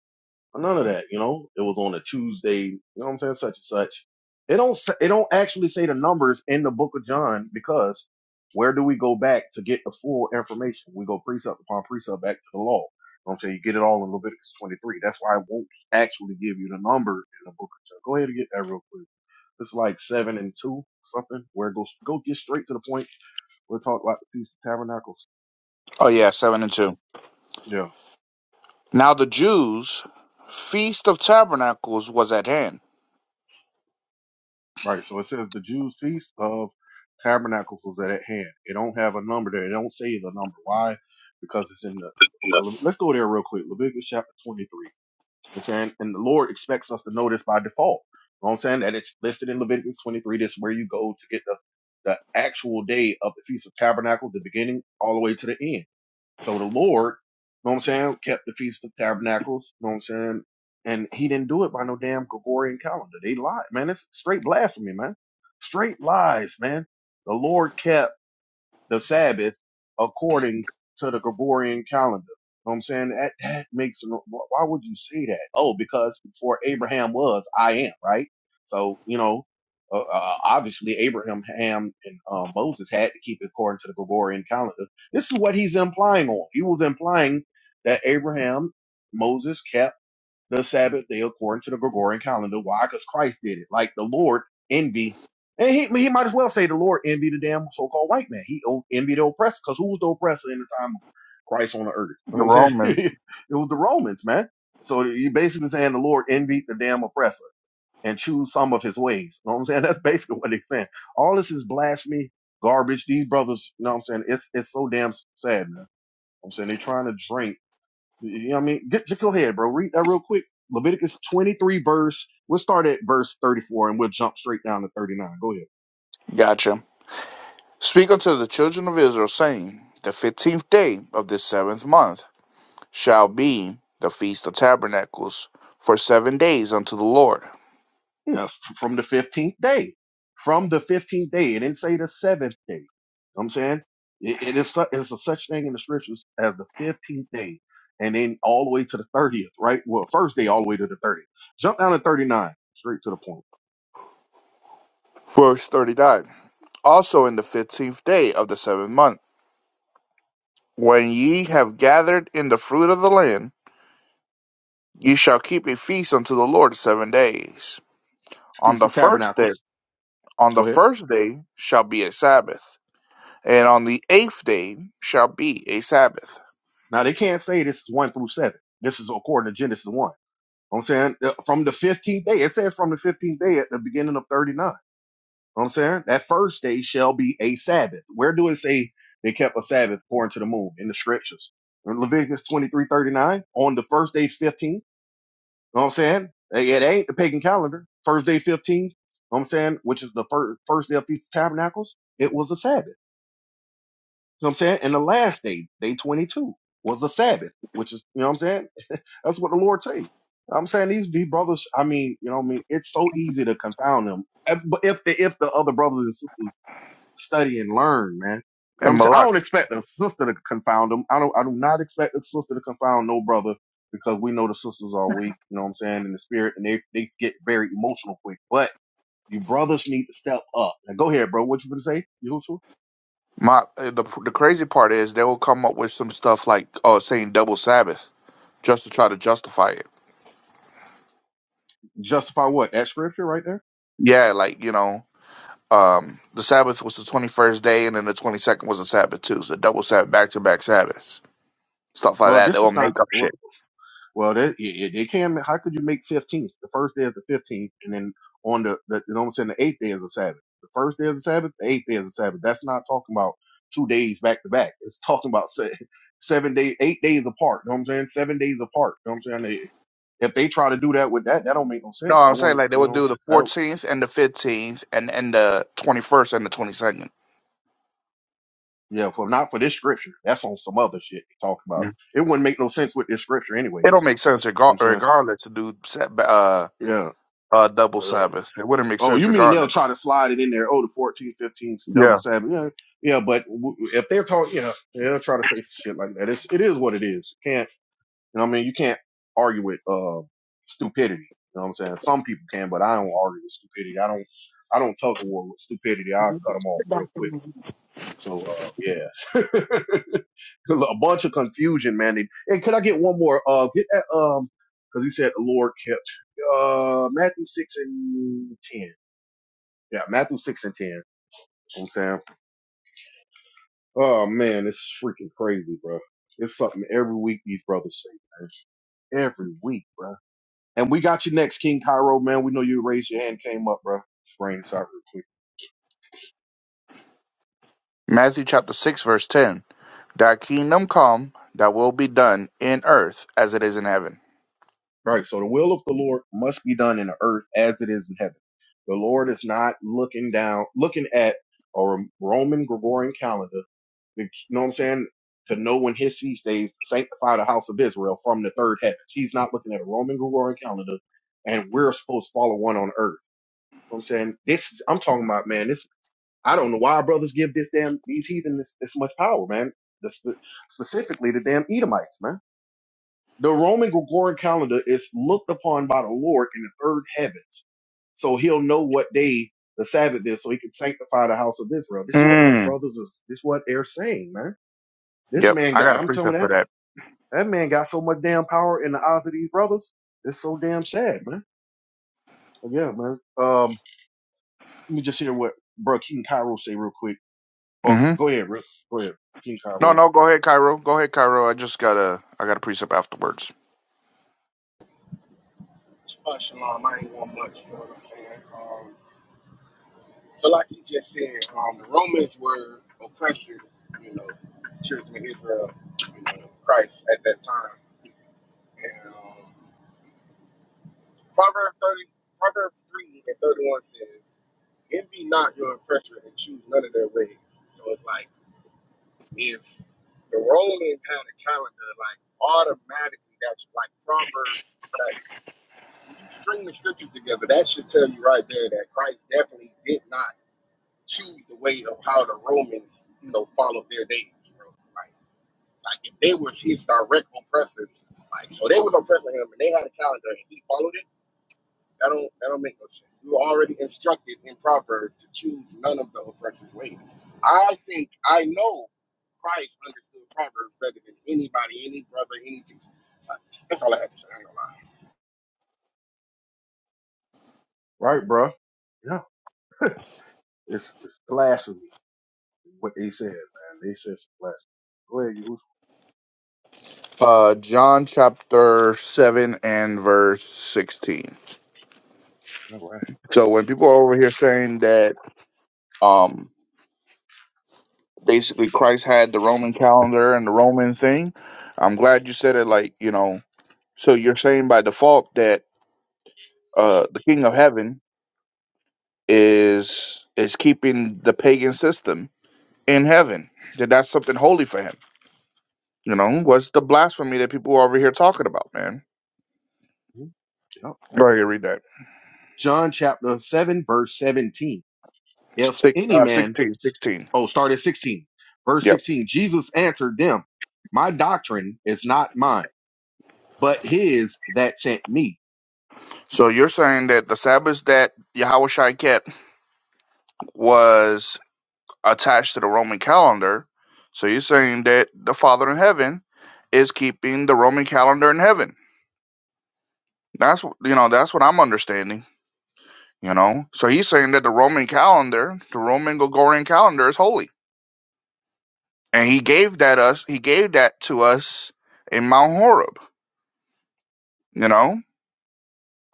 Speaker 3: None of that, you know. It was on a Tuesday, you know what I'm saying, such and such. It don't s- it don't actually say the numbers in the book of John because where do we go back to get the full information? We go precept upon precept back to the law. You know what I'm saying you get it all in Leviticus 23. That's why I won't actually give you the number in the book of John. Go ahead and get that real quick. It's like seven and two something. Where it goes go get straight to the point. We'll talk about the Feast of Tabernacles.
Speaker 2: Oh, yeah, 7 and 2.
Speaker 3: Yeah.
Speaker 2: Now the Jews' feast of tabernacles was at hand.
Speaker 3: Right. So it says the Jews' feast of tabernacles was at hand. It don't have a number there. It don't say the number. Why? Because it's in the
Speaker 2: No.
Speaker 3: okay. Le- Let's go there real quick. Leviticus chapter twenty-three. You know what I'm saying, and the Lord expects us to know this by default. You know what I'm saying that it's listed in Leviticus 23. This is where you go to get the the actual day of the Feast of Tabernacle, the beginning all the way to the end. So the Lord, you know what I'm saying, kept the Feast of Tabernacles, you know what I'm saying? And he didn't do it by no damn Gregorian calendar. They lied, man. It's straight blasphemy, man. Straight lies, man. The Lord kept the Sabbath according to the Gregorian calendar. You know what I'm saying? That, that makes, why would you say that? Oh, because before Abraham was, I am, right? So, you know, uh, uh, obviously Abraham, Ham, and uh, Moses had to keep it according to the Gregorian calendar. This is what he's implying on. He was implying that Abraham, Moses kept the Sabbath day according to the Gregorian calendar. Why? Because Christ did it. Like the Lord envied, and he he might as well say the Lord envied the damn so called white man. He o- envied the oppressor because who was the oppressor in the time of Christ on the earth? You
Speaker 2: The
Speaker 3: know what I'm saying?
Speaker 2: Romans.
Speaker 3: it was the Romans, man. So you basically saying the Lord envied the damn oppressor and choose some of his ways. You know what I'm saying? That's basically what they're saying. All this is blasphemy, garbage. These brothers, you know what I'm saying? It's it's so damn sad, man. You know what I'm saying they are trying to drink. You know what I mean? Get, just go ahead, bro. Read that real quick. Leviticus 23, verse. We'll start at verse 34 and we'll jump straight down to 39. Go ahead.
Speaker 2: Gotcha. Speak unto the children of Israel, saying, The fifteenth day of this seventh month shall be the Feast of Tabernacles, for seven days unto the Lord.
Speaker 3: Yeah, f- from the 15th day. From the 15th day. It didn't say the seventh day. You know what I'm saying? It, it is su- it's a such thing in the scriptures as the 15th day and then all the way to the 30th, right? Well, first day all the way to the 30th. Jump down to 39, straight to the point.
Speaker 2: Verse 39. Also in the fifteenth day of the seventh month, when ye have gathered in the fruit of the land, ye shall keep a feast unto the Lord seven days. On
Speaker 3: Feast
Speaker 2: the
Speaker 3: of
Speaker 2: first day,
Speaker 3: Tabernacles.
Speaker 2: on the
Speaker 3: Go ahead.
Speaker 2: first day shall be a Sabbath, and on the eighth day shall be a Sabbath.
Speaker 3: Now, they can't say this is 1 through 7. This is according to Genesis 1. I'm saying uh, from the 15th day, it says from the 15th day at the beginning of 39. I'm saying that first day shall be a Sabbath. Where do it say they kept a Sabbath according to the moon in the scriptures? In Leviticus 23 39. on the first day 15, you know what I'm saying? It it ain't the pagan calendar. First day 15, you know what I'm saying, which is the first, first day of Feast of Tabernacles, it was a Sabbath. You know what I'm saying? And the last day, day 22, was a Sabbath, which is, you know what I'm saying? That's what the Lord say. I'm saying these these brothers. I mean, you know, what I mean, it's so easy to confound them. Uh, But if the if the other brothers and sisters study and learn, man, you know, what
Speaker 2: And
Speaker 3: I'm saying I
Speaker 2: Malak.
Speaker 3: don't expect a sister to confound them. I don't. I do not expect a sister to confound no brother because we know the sisters are weak. You know what I'm saying in the spirit, and they they get very emotional quick. But you brothers need to step up. And go ahead, bro. What you gonna say? You Yahushua?
Speaker 2: My uh, the the crazy part is they will come up with some stuff like oh saying double Sabbath just to try to justify it.
Speaker 3: justify what that scripture right there?
Speaker 2: Yeah, like you know, um, the Sabbath was the twenty first day, and then the twenty second was a Sabbath too. So double Sabbath, back to back Sabbaths, stuff like
Speaker 3: Well,
Speaker 2: that. They
Speaker 3: this
Speaker 2: will
Speaker 3: is not.
Speaker 2: make up shit.
Speaker 3: Well, that it, it can. How could you make fifteenth? The first day is the fifteenth, and then on the, the you know what I'm saying. The eighth day is a Sabbath. The first day is a Sabbath. The eighth day is a Sabbath. That's not talking about two days back to back. It's talking about se- seven days, eight days apart. You know what I'm saying? Seven days apart. You know what I'm saying? They, if they try to do that with that, that don't make no
Speaker 2: No,
Speaker 3: sense. That
Speaker 2: I'm saying
Speaker 3: wouldn't,
Speaker 2: like they
Speaker 3: you
Speaker 2: will
Speaker 3: know,
Speaker 2: do the
Speaker 3: that
Speaker 2: fourteenth and the fifteenth, and and the twenty first and the twenty second.
Speaker 3: yeah, for not for this scripture. That's on some other shit they talking about. It wouldn't make no sense with this scripture,
Speaker 2: It don't
Speaker 3: anyways.
Speaker 2: make sense
Speaker 3: You know what
Speaker 2: regar-
Speaker 3: I'm
Speaker 2: regardless to do sa- uh
Speaker 3: saying,
Speaker 2: uh double
Speaker 3: yeah. uh,
Speaker 2: Sabbath. It wouldn't make
Speaker 3: Oh,
Speaker 2: sense
Speaker 3: you mean they'll
Speaker 2: regardless.
Speaker 3: try to slide it in there? Oh, the 14, 15, double seven, Yeah, yeah but w- if they're talking, yeah, they'll try to say shit like that. It's, it is what it is. Can't, you know what I mean? You can't argue with, uh, stupidity. You know what I'm saying? Some people can, but I don't argue with stupidity. I don't, I don't tug a war with stupidity. i cut them off real quick. So, uh, yeah, a bunch of confusion, man. And and could I get one more? Uh, get that, um, cause he said the Lord kept, uh, Matthew 6 and 10. Yeah, Matthew 6 and 10 You know what I'm saying? Oh man, it's freaking crazy, bro. It's something every week these brothers say, man. Every week, bro. And we got you next, King Cairo, man. We know you raised your hand, came up, bro. Let's Bring this out real quick.
Speaker 2: Matthew chapter six verse ten. Thy kingdom come, thy will be done in earth as it is in heaven.
Speaker 3: All right, so the will of the Lord must be done in the earth as it is in heaven. The Lord is not looking down, looking at a Roman Gregorian calendar, you know what I'm saying, to know when his feast days to sanctify the house of Israel from the third heavens. He's not looking at a Roman Gregorian calendar, and we're supposed to follow one on earth. You know what I'm saying this. I'm talking about man. This I don't know why brothers give this damn these heathen this, this much power, man. The, spe- specifically the damn Edomites, man. The Roman Gregorian calendar is looked upon by the Lord in the third heavens, so He'll know what day the Sabbath is, so He can sanctify the house of Israel. This is what these
Speaker 2: Mm.
Speaker 3: brothers is. This is what they're saying, man. This
Speaker 2: Yep.
Speaker 3: man
Speaker 2: I
Speaker 3: got.
Speaker 2: got a
Speaker 3: I'm telling
Speaker 2: precept
Speaker 3: you
Speaker 2: for
Speaker 3: that
Speaker 2: that.
Speaker 3: that man got so much damn power in the eyes of these brothers. It's so damn sad, man. But yeah, man. Um, let me just hear what bro King Cairo say real quick. Oh,
Speaker 2: hmm
Speaker 3: go ahead, Rick. Go ahead, King
Speaker 2: No,
Speaker 3: Cabo.
Speaker 2: no, go ahead, Cairo. Go ahead, Cairo. I just got a I got a precept afterwards.
Speaker 4: Shabbat shalom. I ain't want much, you know what I'm saying? Um, so like you just said, um, the Romans were oppressing, you know, children of Israel, you know, in Christ at that time. And um, Proverbs 30, Proverbs 3 and 31 says, envy not your oppressor and choose none of their ways. So it's like if the Romans had a calendar, like automatically that's like Proverbs, like when you string the scriptures together, that should tell you right there that Christ definitely did not choose the way of how the Romans, you know, followed their days, bro. Like, like if they was his direct oppressors, like so they was oppressing him and they had a calendar and he followed it. That don't that don't make no sense. We were already instructed in Proverbs to choose none of the oppressors' ways. I think I know Christ understood Proverbs better than anybody, any brother, any teacher. That's all I had to say. I ain't gonna lie.
Speaker 3: Right, bro. Yeah, it's it's blasphemy what they said, man. They said it's blasphemy. Go ahead, you.
Speaker 2: Uh John chapter seven and verse sixteen.
Speaker 3: All right.
Speaker 2: So when people are over here saying that um basically Christ had the Roman calendar and the Roman thing, I'm glad you said it like, you know, so you're saying by default that uh the king of heaven is is keeping the pagan system in heaven. That that's something holy for him. You know, what's the blasphemy that people are over here talking about, man?
Speaker 3: Mhm. Yep.
Speaker 2: Go ahead, read that.
Speaker 3: John chapter seven, verse seventeen. If
Speaker 2: Six,
Speaker 3: any
Speaker 2: uh,
Speaker 3: man,
Speaker 2: 16, sixteen.
Speaker 3: oh, start at 16, verse
Speaker 2: Yep.
Speaker 3: 16, Jesus answered them, My doctrine is not mine, but his that sent me.
Speaker 2: So you're saying that the Sabbath that Yahweh Shai kept was attached to the Roman calendar. So you're saying that the Father in heaven is keeping the Roman calendar in heaven. That's wh- you know that's what I'm understanding. You know, so he's saying that the Roman calendar, the Roman Gregorian calendar, is holy, and he gave that us, he gave that to us in Mount Horeb. You know,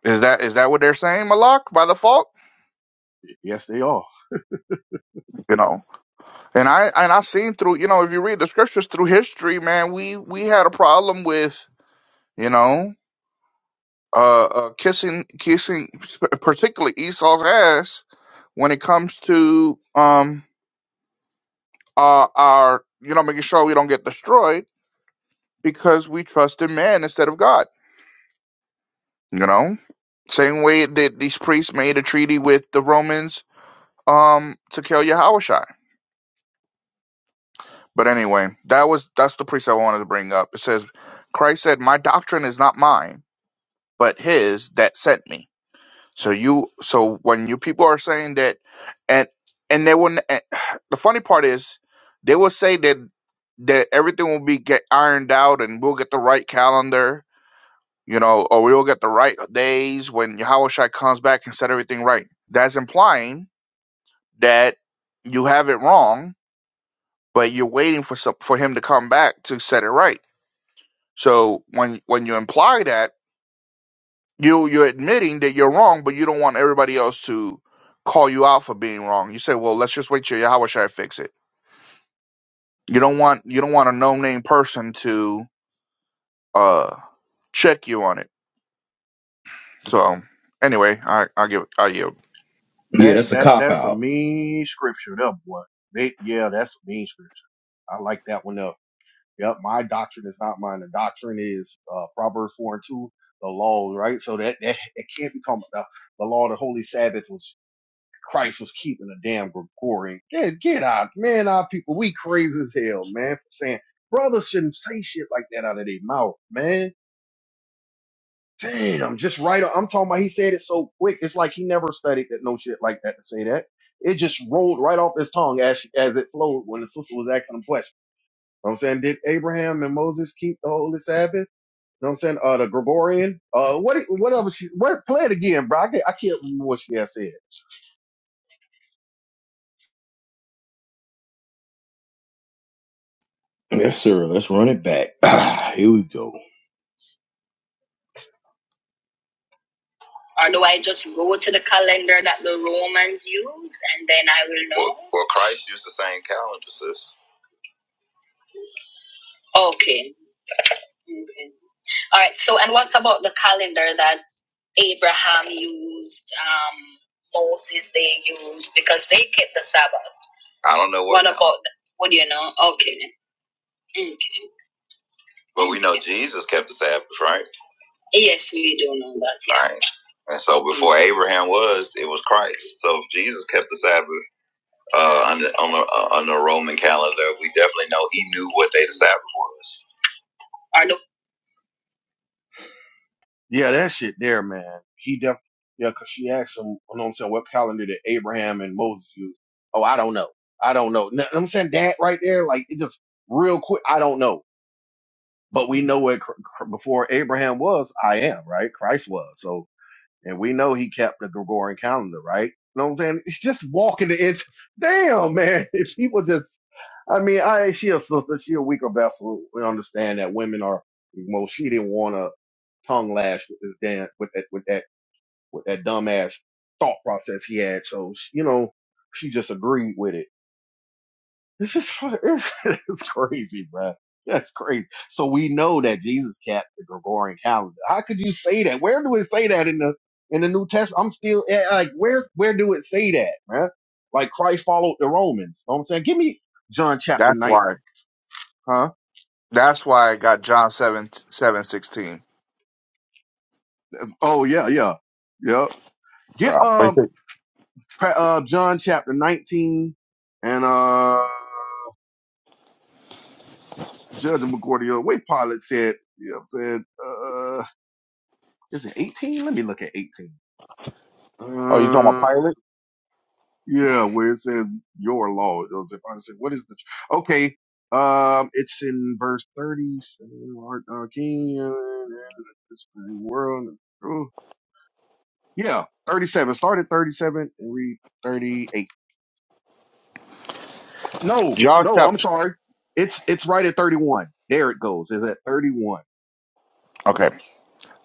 Speaker 2: is that is that what they're saying, Malak, by default?
Speaker 3: Yes, they are.
Speaker 2: You know, and I and I've seen through, you know, if you read the scriptures through history, man, we we had a problem with, you know, uh, uh kissing kissing, particularly Esau's ass when it comes to um uh our you know making sure we don't get destroyed because we trust in man instead of God. You know, same way that these priests made a treaty with the Romans um, to kill Yahushua. But anyway, that was that's the priest I wanted to bring up. It says Christ said, "My doctrine is not mine, but His that sent me." So you, so when you people are saying that, and and they will, and the funny part is they will say that that everything will be get ironed out and we'll get the right calendar you know, or we will get the right days when Yahushua comes back and set everything right. That's implying that you have it wrong, but you're waiting for some, for him to come back to set it right. So when when you imply that, you you're admitting that you're wrong, but you don't want everybody else to call you out for being wrong. You say, well, let's just wait till Yahushua fix it. You don't want you don't want a no name person to uh check you on it. So anyway, I I give I yield.
Speaker 1: Yeah,
Speaker 3: That
Speaker 1: that's a
Speaker 3: that
Speaker 1: cop
Speaker 3: that's a
Speaker 1: out.
Speaker 3: mean scripture, that boy. They, yeah, that's a mean scripture. I like that one up. Yep, my doctrine is not mine. The doctrine is uh, Proverbs four and two, the law, right? So that that, that can't be talking about the, the law. Of The holy Sabbath was Christ was keeping a damn Gregorian. Get, get out, man. Our people, we crazy as hell, man, for saying brothers shouldn't say shit like that out of their mouth, man. Damn, just right. i I'm talking about he said it so quick. It's like he never studied that no shit like that to say that. It just rolled right off his tongue as she, as it flowed when the sister was asking him questions. You know what I'm saying, did Abraham and Moses keep the holy Sabbath? You know what I'm saying? Uh, the Gregorian. Uh, what, what other she, what, play it again, bro. I can't, I can't remember what she had said.
Speaker 1: Yes, sir. Let's run it back. Ah, here we go. Or do I just go to the calendar that the Romans use, and then I will know? Okay. okay. All right. So, and what about the calendar that Abraham used? Um, Moses they used because they kept the Sabbath. God, what do you know? Okay. Okay. Yes, we do know that. Or the
Speaker 3: Yeah, that shit there, man. He def yeah, 'cause she asked him, you know what I'm saying, what calendar did Abraham and Moses use? Oh, I don't know. I don't know. i I'm saying that right there, like it just real quick. I don't know, but we know what cr- cr- before Abraham was, I am right. Christ was. So, and we know he kept the Gregorian calendar, right? You know what I'm saying? It's just walking the it's damn man. If he was just I mean, I she a sister, she a weaker vessel. We understand that women are well, she didn't want to tongue lash with this damn with that with that with that dumbass thought process he had. So you know, she just agreed with it. It's just it's, it's crazy, bruh. That's crazy. So we know that Jesus kept the Gregorian calendar. How could you say that? Where do it say that in the in the New Testament? I'm still eh, like, where where do it say that, man? Like Christ followed the Romans. You know what I'm saying, give me John chapter
Speaker 2: That's
Speaker 3: nine,
Speaker 2: why.
Speaker 3: huh?
Speaker 2: That's why I got John 7, 7 16.
Speaker 3: Oh yeah, yeah, yeah.
Speaker 2: Yeah,
Speaker 3: Get
Speaker 2: but
Speaker 3: um
Speaker 2: you-
Speaker 3: pa- uh John chapter nineteen and uh Judge McGordio. Wait, Pilate said. Yeah, said. Uh, is it eighteen? Let me look at eighteen.
Speaker 2: oh, you talking
Speaker 3: Uh,
Speaker 2: about Pilate?
Speaker 3: yeah, where it says your law. It was- If I said, what is the? tr- Okay, um, it's in verse thirty. so, uh, King uh, this great world. oh, Yeah, thirty-seven. Start at thirty-seven and read thirty-eight. No,
Speaker 2: John
Speaker 3: no, I'm
Speaker 2: chapter.
Speaker 3: sorry. It's it's right at 31. There it goes. It's at 31.
Speaker 2: Okay.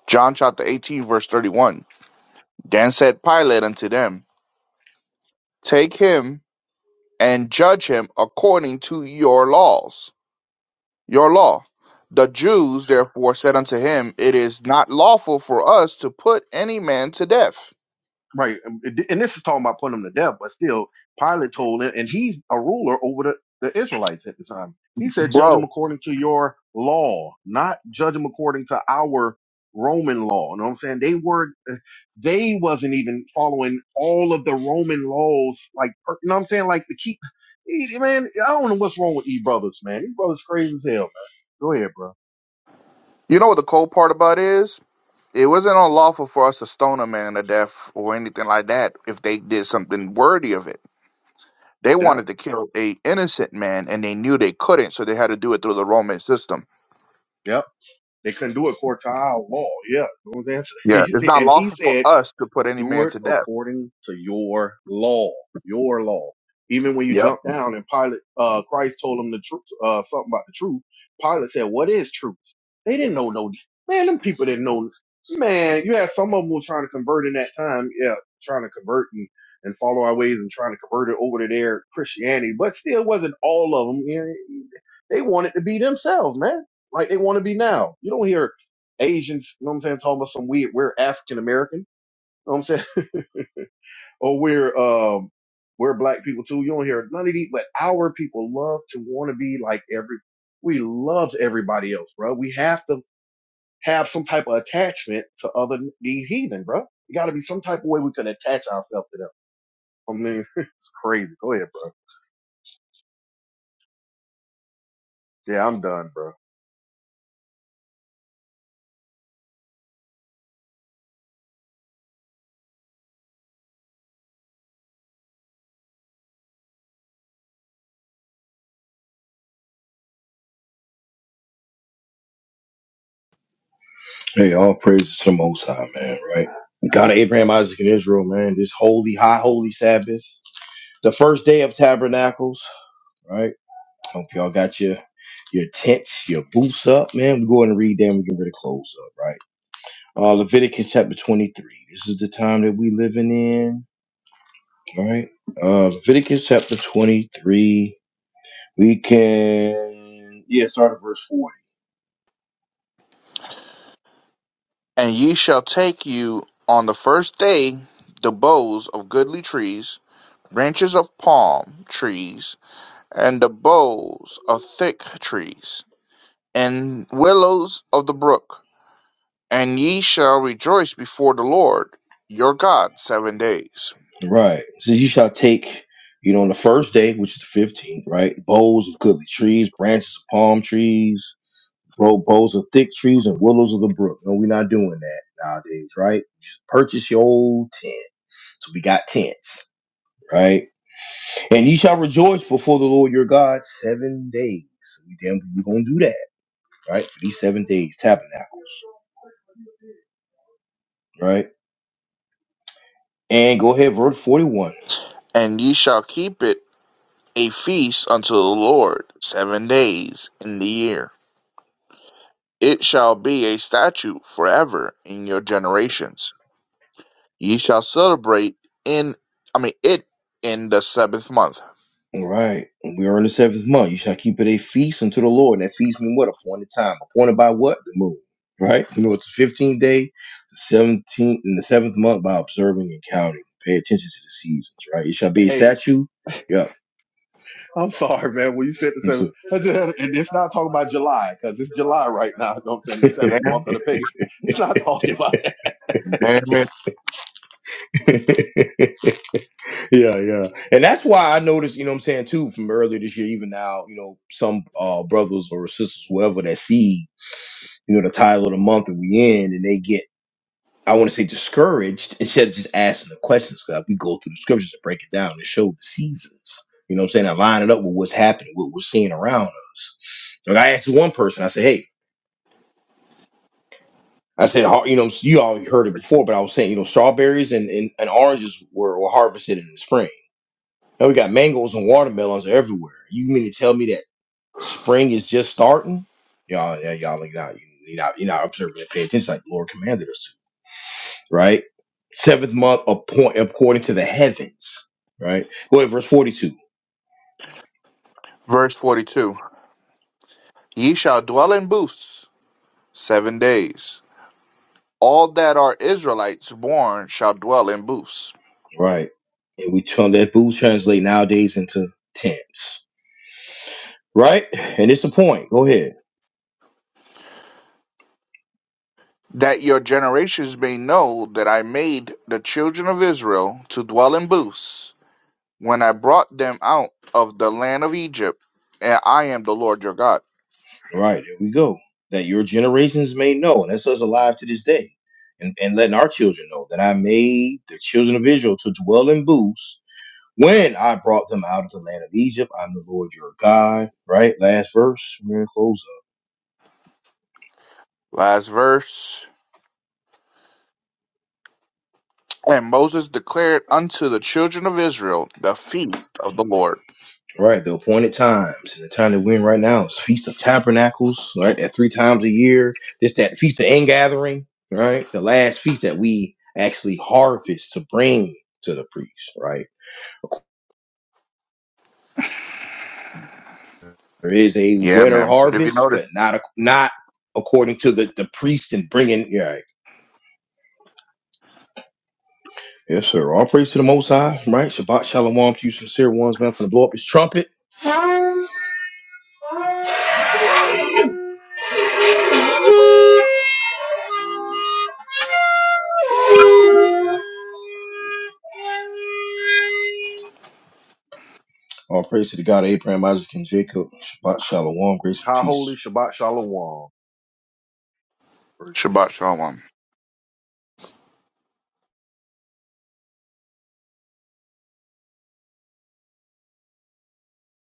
Speaker 2: John chapter 18, verse 31. Then said Pilate unto them, Take him and judge him according to your laws, your law. The Jews therefore said unto him, It is not lawful for us to put any man to death.
Speaker 3: Right. And and this is talking about putting him to death, but still, Pilate told him, and he's a ruler over the, the Israelites at the time. He said, Judge them
Speaker 2: Bro,
Speaker 3: according to your law, not judge them according to our Roman law. You know what I'm saying? They were they wasn't even following all of the Roman laws, like per- you know what I'm saying? Like the keep man, I don't know what's wrong with these brothers, man. These brothers crazy as hell, man. Go ahead, bro.
Speaker 2: you know what the cold part about is? It wasn't unlawful for us to stone a man to death or anything like that if they did something worthy of it They
Speaker 3: Yeah.
Speaker 2: wanted to kill a innocent man, and they knew they couldn't, so they had to do it through the Roman system.
Speaker 3: yeah. They couldn't do a quartile wall. Yeah, you know what I'm saying?
Speaker 2: Yeah, it's not
Speaker 3: and he
Speaker 2: lawful for
Speaker 3: said
Speaker 2: us to put any
Speaker 3: do
Speaker 2: man
Speaker 3: it
Speaker 2: to death.
Speaker 3: according to your law, your law. Even when you
Speaker 2: Yep.
Speaker 3: jump down and Pilate, uh, Christ told them the truth, uh, something about the truth. Pilate said, "What is truth?" They didn't know no. Man, them people didn't know. Man, you had some of them were trying to convert in that time. Yeah, trying to convert and, and follow our ways and trying to convert it over to their Christianity, but still wasn't all of them. You know, They wanted to be themselves, man. Like they want to be now. You don't hear Asians, you know what I'm saying, talking about some weird, we're African American. You know what I'm saying? or we're um we're black people too. You don't hear none of these, but our people love to want to be like every we love everybody else, bro. We have to have some type of attachment to other these heathen, bro. You got to be some type of way we can attach ourselves to them. I mean, it's crazy. Go ahead, bro. Yeah, I'm done, bro.
Speaker 1: Hey, all praises to the Most High, man, right? God of Abraham, Isaac, and Israel, man. This holy, high, holy Sabbath. The first day of tabernacles, right? Hope y'all got your your tents, your boots up, man. We go and read them, we get rid of clothes up, right? Uh Leviticus chapter 23. This is the time that we living in, right? Uh Leviticus chapter 23. We can yeah, start at verse 4.
Speaker 2: And ye shall take you on the first day the boughs of goodly trees, branches of palm trees, and the boughs of thick trees, and willows of the brook. And ye shall rejoice before the Lord your God seven days.
Speaker 1: Right. So you shall take, you know, on the first day, which is the 15th, right? Boughs of goodly trees, branches of palm trees, bro, boughs of thick trees, and willows of the brook. No, we're not doing that nowadays, right? Just purchase your old tent. So we got tents, right? And you shall rejoice before the Lord your God seven days. So we damn, we're going to do that, right? For these seven days, tabernacle, right? And go ahead, verse 41.
Speaker 2: And ye shall keep it a feast unto the Lord seven days in the year. It shall be a statute forever in your generations. Ye shall celebrate in, I mean, it in the seventh month.
Speaker 1: All right. And We are in the seventh month. You shall keep it a feast unto the Lord. And that feast mean what? Appointed time. Appointed by what? The moon. Right? You know, it's the 15th day, the 17th, and the seventh month by observing and counting. Pay attention to the seasons, right? It shall be a
Speaker 3: Hey,
Speaker 1: statue. Yep.
Speaker 3: I'm sorry, man. When you said the
Speaker 1: Yes,
Speaker 3: seventh,
Speaker 1: sir.
Speaker 3: I just had- and it's not talking about July because it's July right now. You know what I'm saying? The seventh
Speaker 2: Damn,
Speaker 3: month of the pagan. It's not talking about that.
Speaker 2: damn it.
Speaker 1: yeah, yeah. And that's why I noticed, you know what I'm saying, too, from earlier this year, even now, you know, some uh brothers or sisters, whoever that see, you know, the title of the month that we in and they get I want to say discouraged instead of just asking the questions. Cause we go through the scriptures and break it down and show the seasons. You know what I'm saying? I line it up with what's happening, what we're seeing around us. Like I asked one person, I said, "Hey, I said, har- you know, you all heard it before, but I was saying, you know, strawberries and, and, and oranges were, were harvested in the spring. Now we got mangoes and watermelons everywhere. You mean to tell me that spring is just starting? Y'all, yeah, y'all, like, not, you're not, you're not observing and paying attention like the Lord commanded us to, right? Seventh month appoint, according to the heavens, right? Go ahead, verse 42,
Speaker 2: Verse 42 Ye shall dwell in booths seven days. All that are Israelites born shall dwell in booths,
Speaker 1: right? And we turn that booze translate nowadays into tents, right? And it's a point. Go ahead.
Speaker 2: that your generations may know that I made the children of Israel to dwell in booths when I brought them out of the land of Egypt, and I am the Lord your God.
Speaker 1: Right there we go. That your generations may know, and that's us alive to this day, and, and letting our children know that I made the children of Israel to dwell in booths when I brought them out of the land of Egypt. I'm the Lord your God. Right, last verse. We're gonna close up.
Speaker 2: Last verse. And Moses declared unto the children of Israel the feast of the Lord.
Speaker 1: Right, the appointed times, and the time that we're in right now is Feast of Tabernacles. Right, that three times a year. This that Feast of Ingathering. Right, the last feast that we actually harvest to bring to the priest. Right There is a
Speaker 2: Yeah,
Speaker 1: winter
Speaker 2: man. But if you
Speaker 1: harvest, but
Speaker 2: notice,
Speaker 1: not ac- not according to the the priest and bringing. Yeah, right. yes, sir. All praise to the Most High, right? Shabbat shalom to you, sincere ones, man. From the blow up his trumpet. All praise to the God of Abraham, Isaac, and Jacob. Shabbat shalom, grace and
Speaker 3: Ka
Speaker 1: peace.
Speaker 3: holy Shabbat Shalom.
Speaker 2: Shabbat Shalom.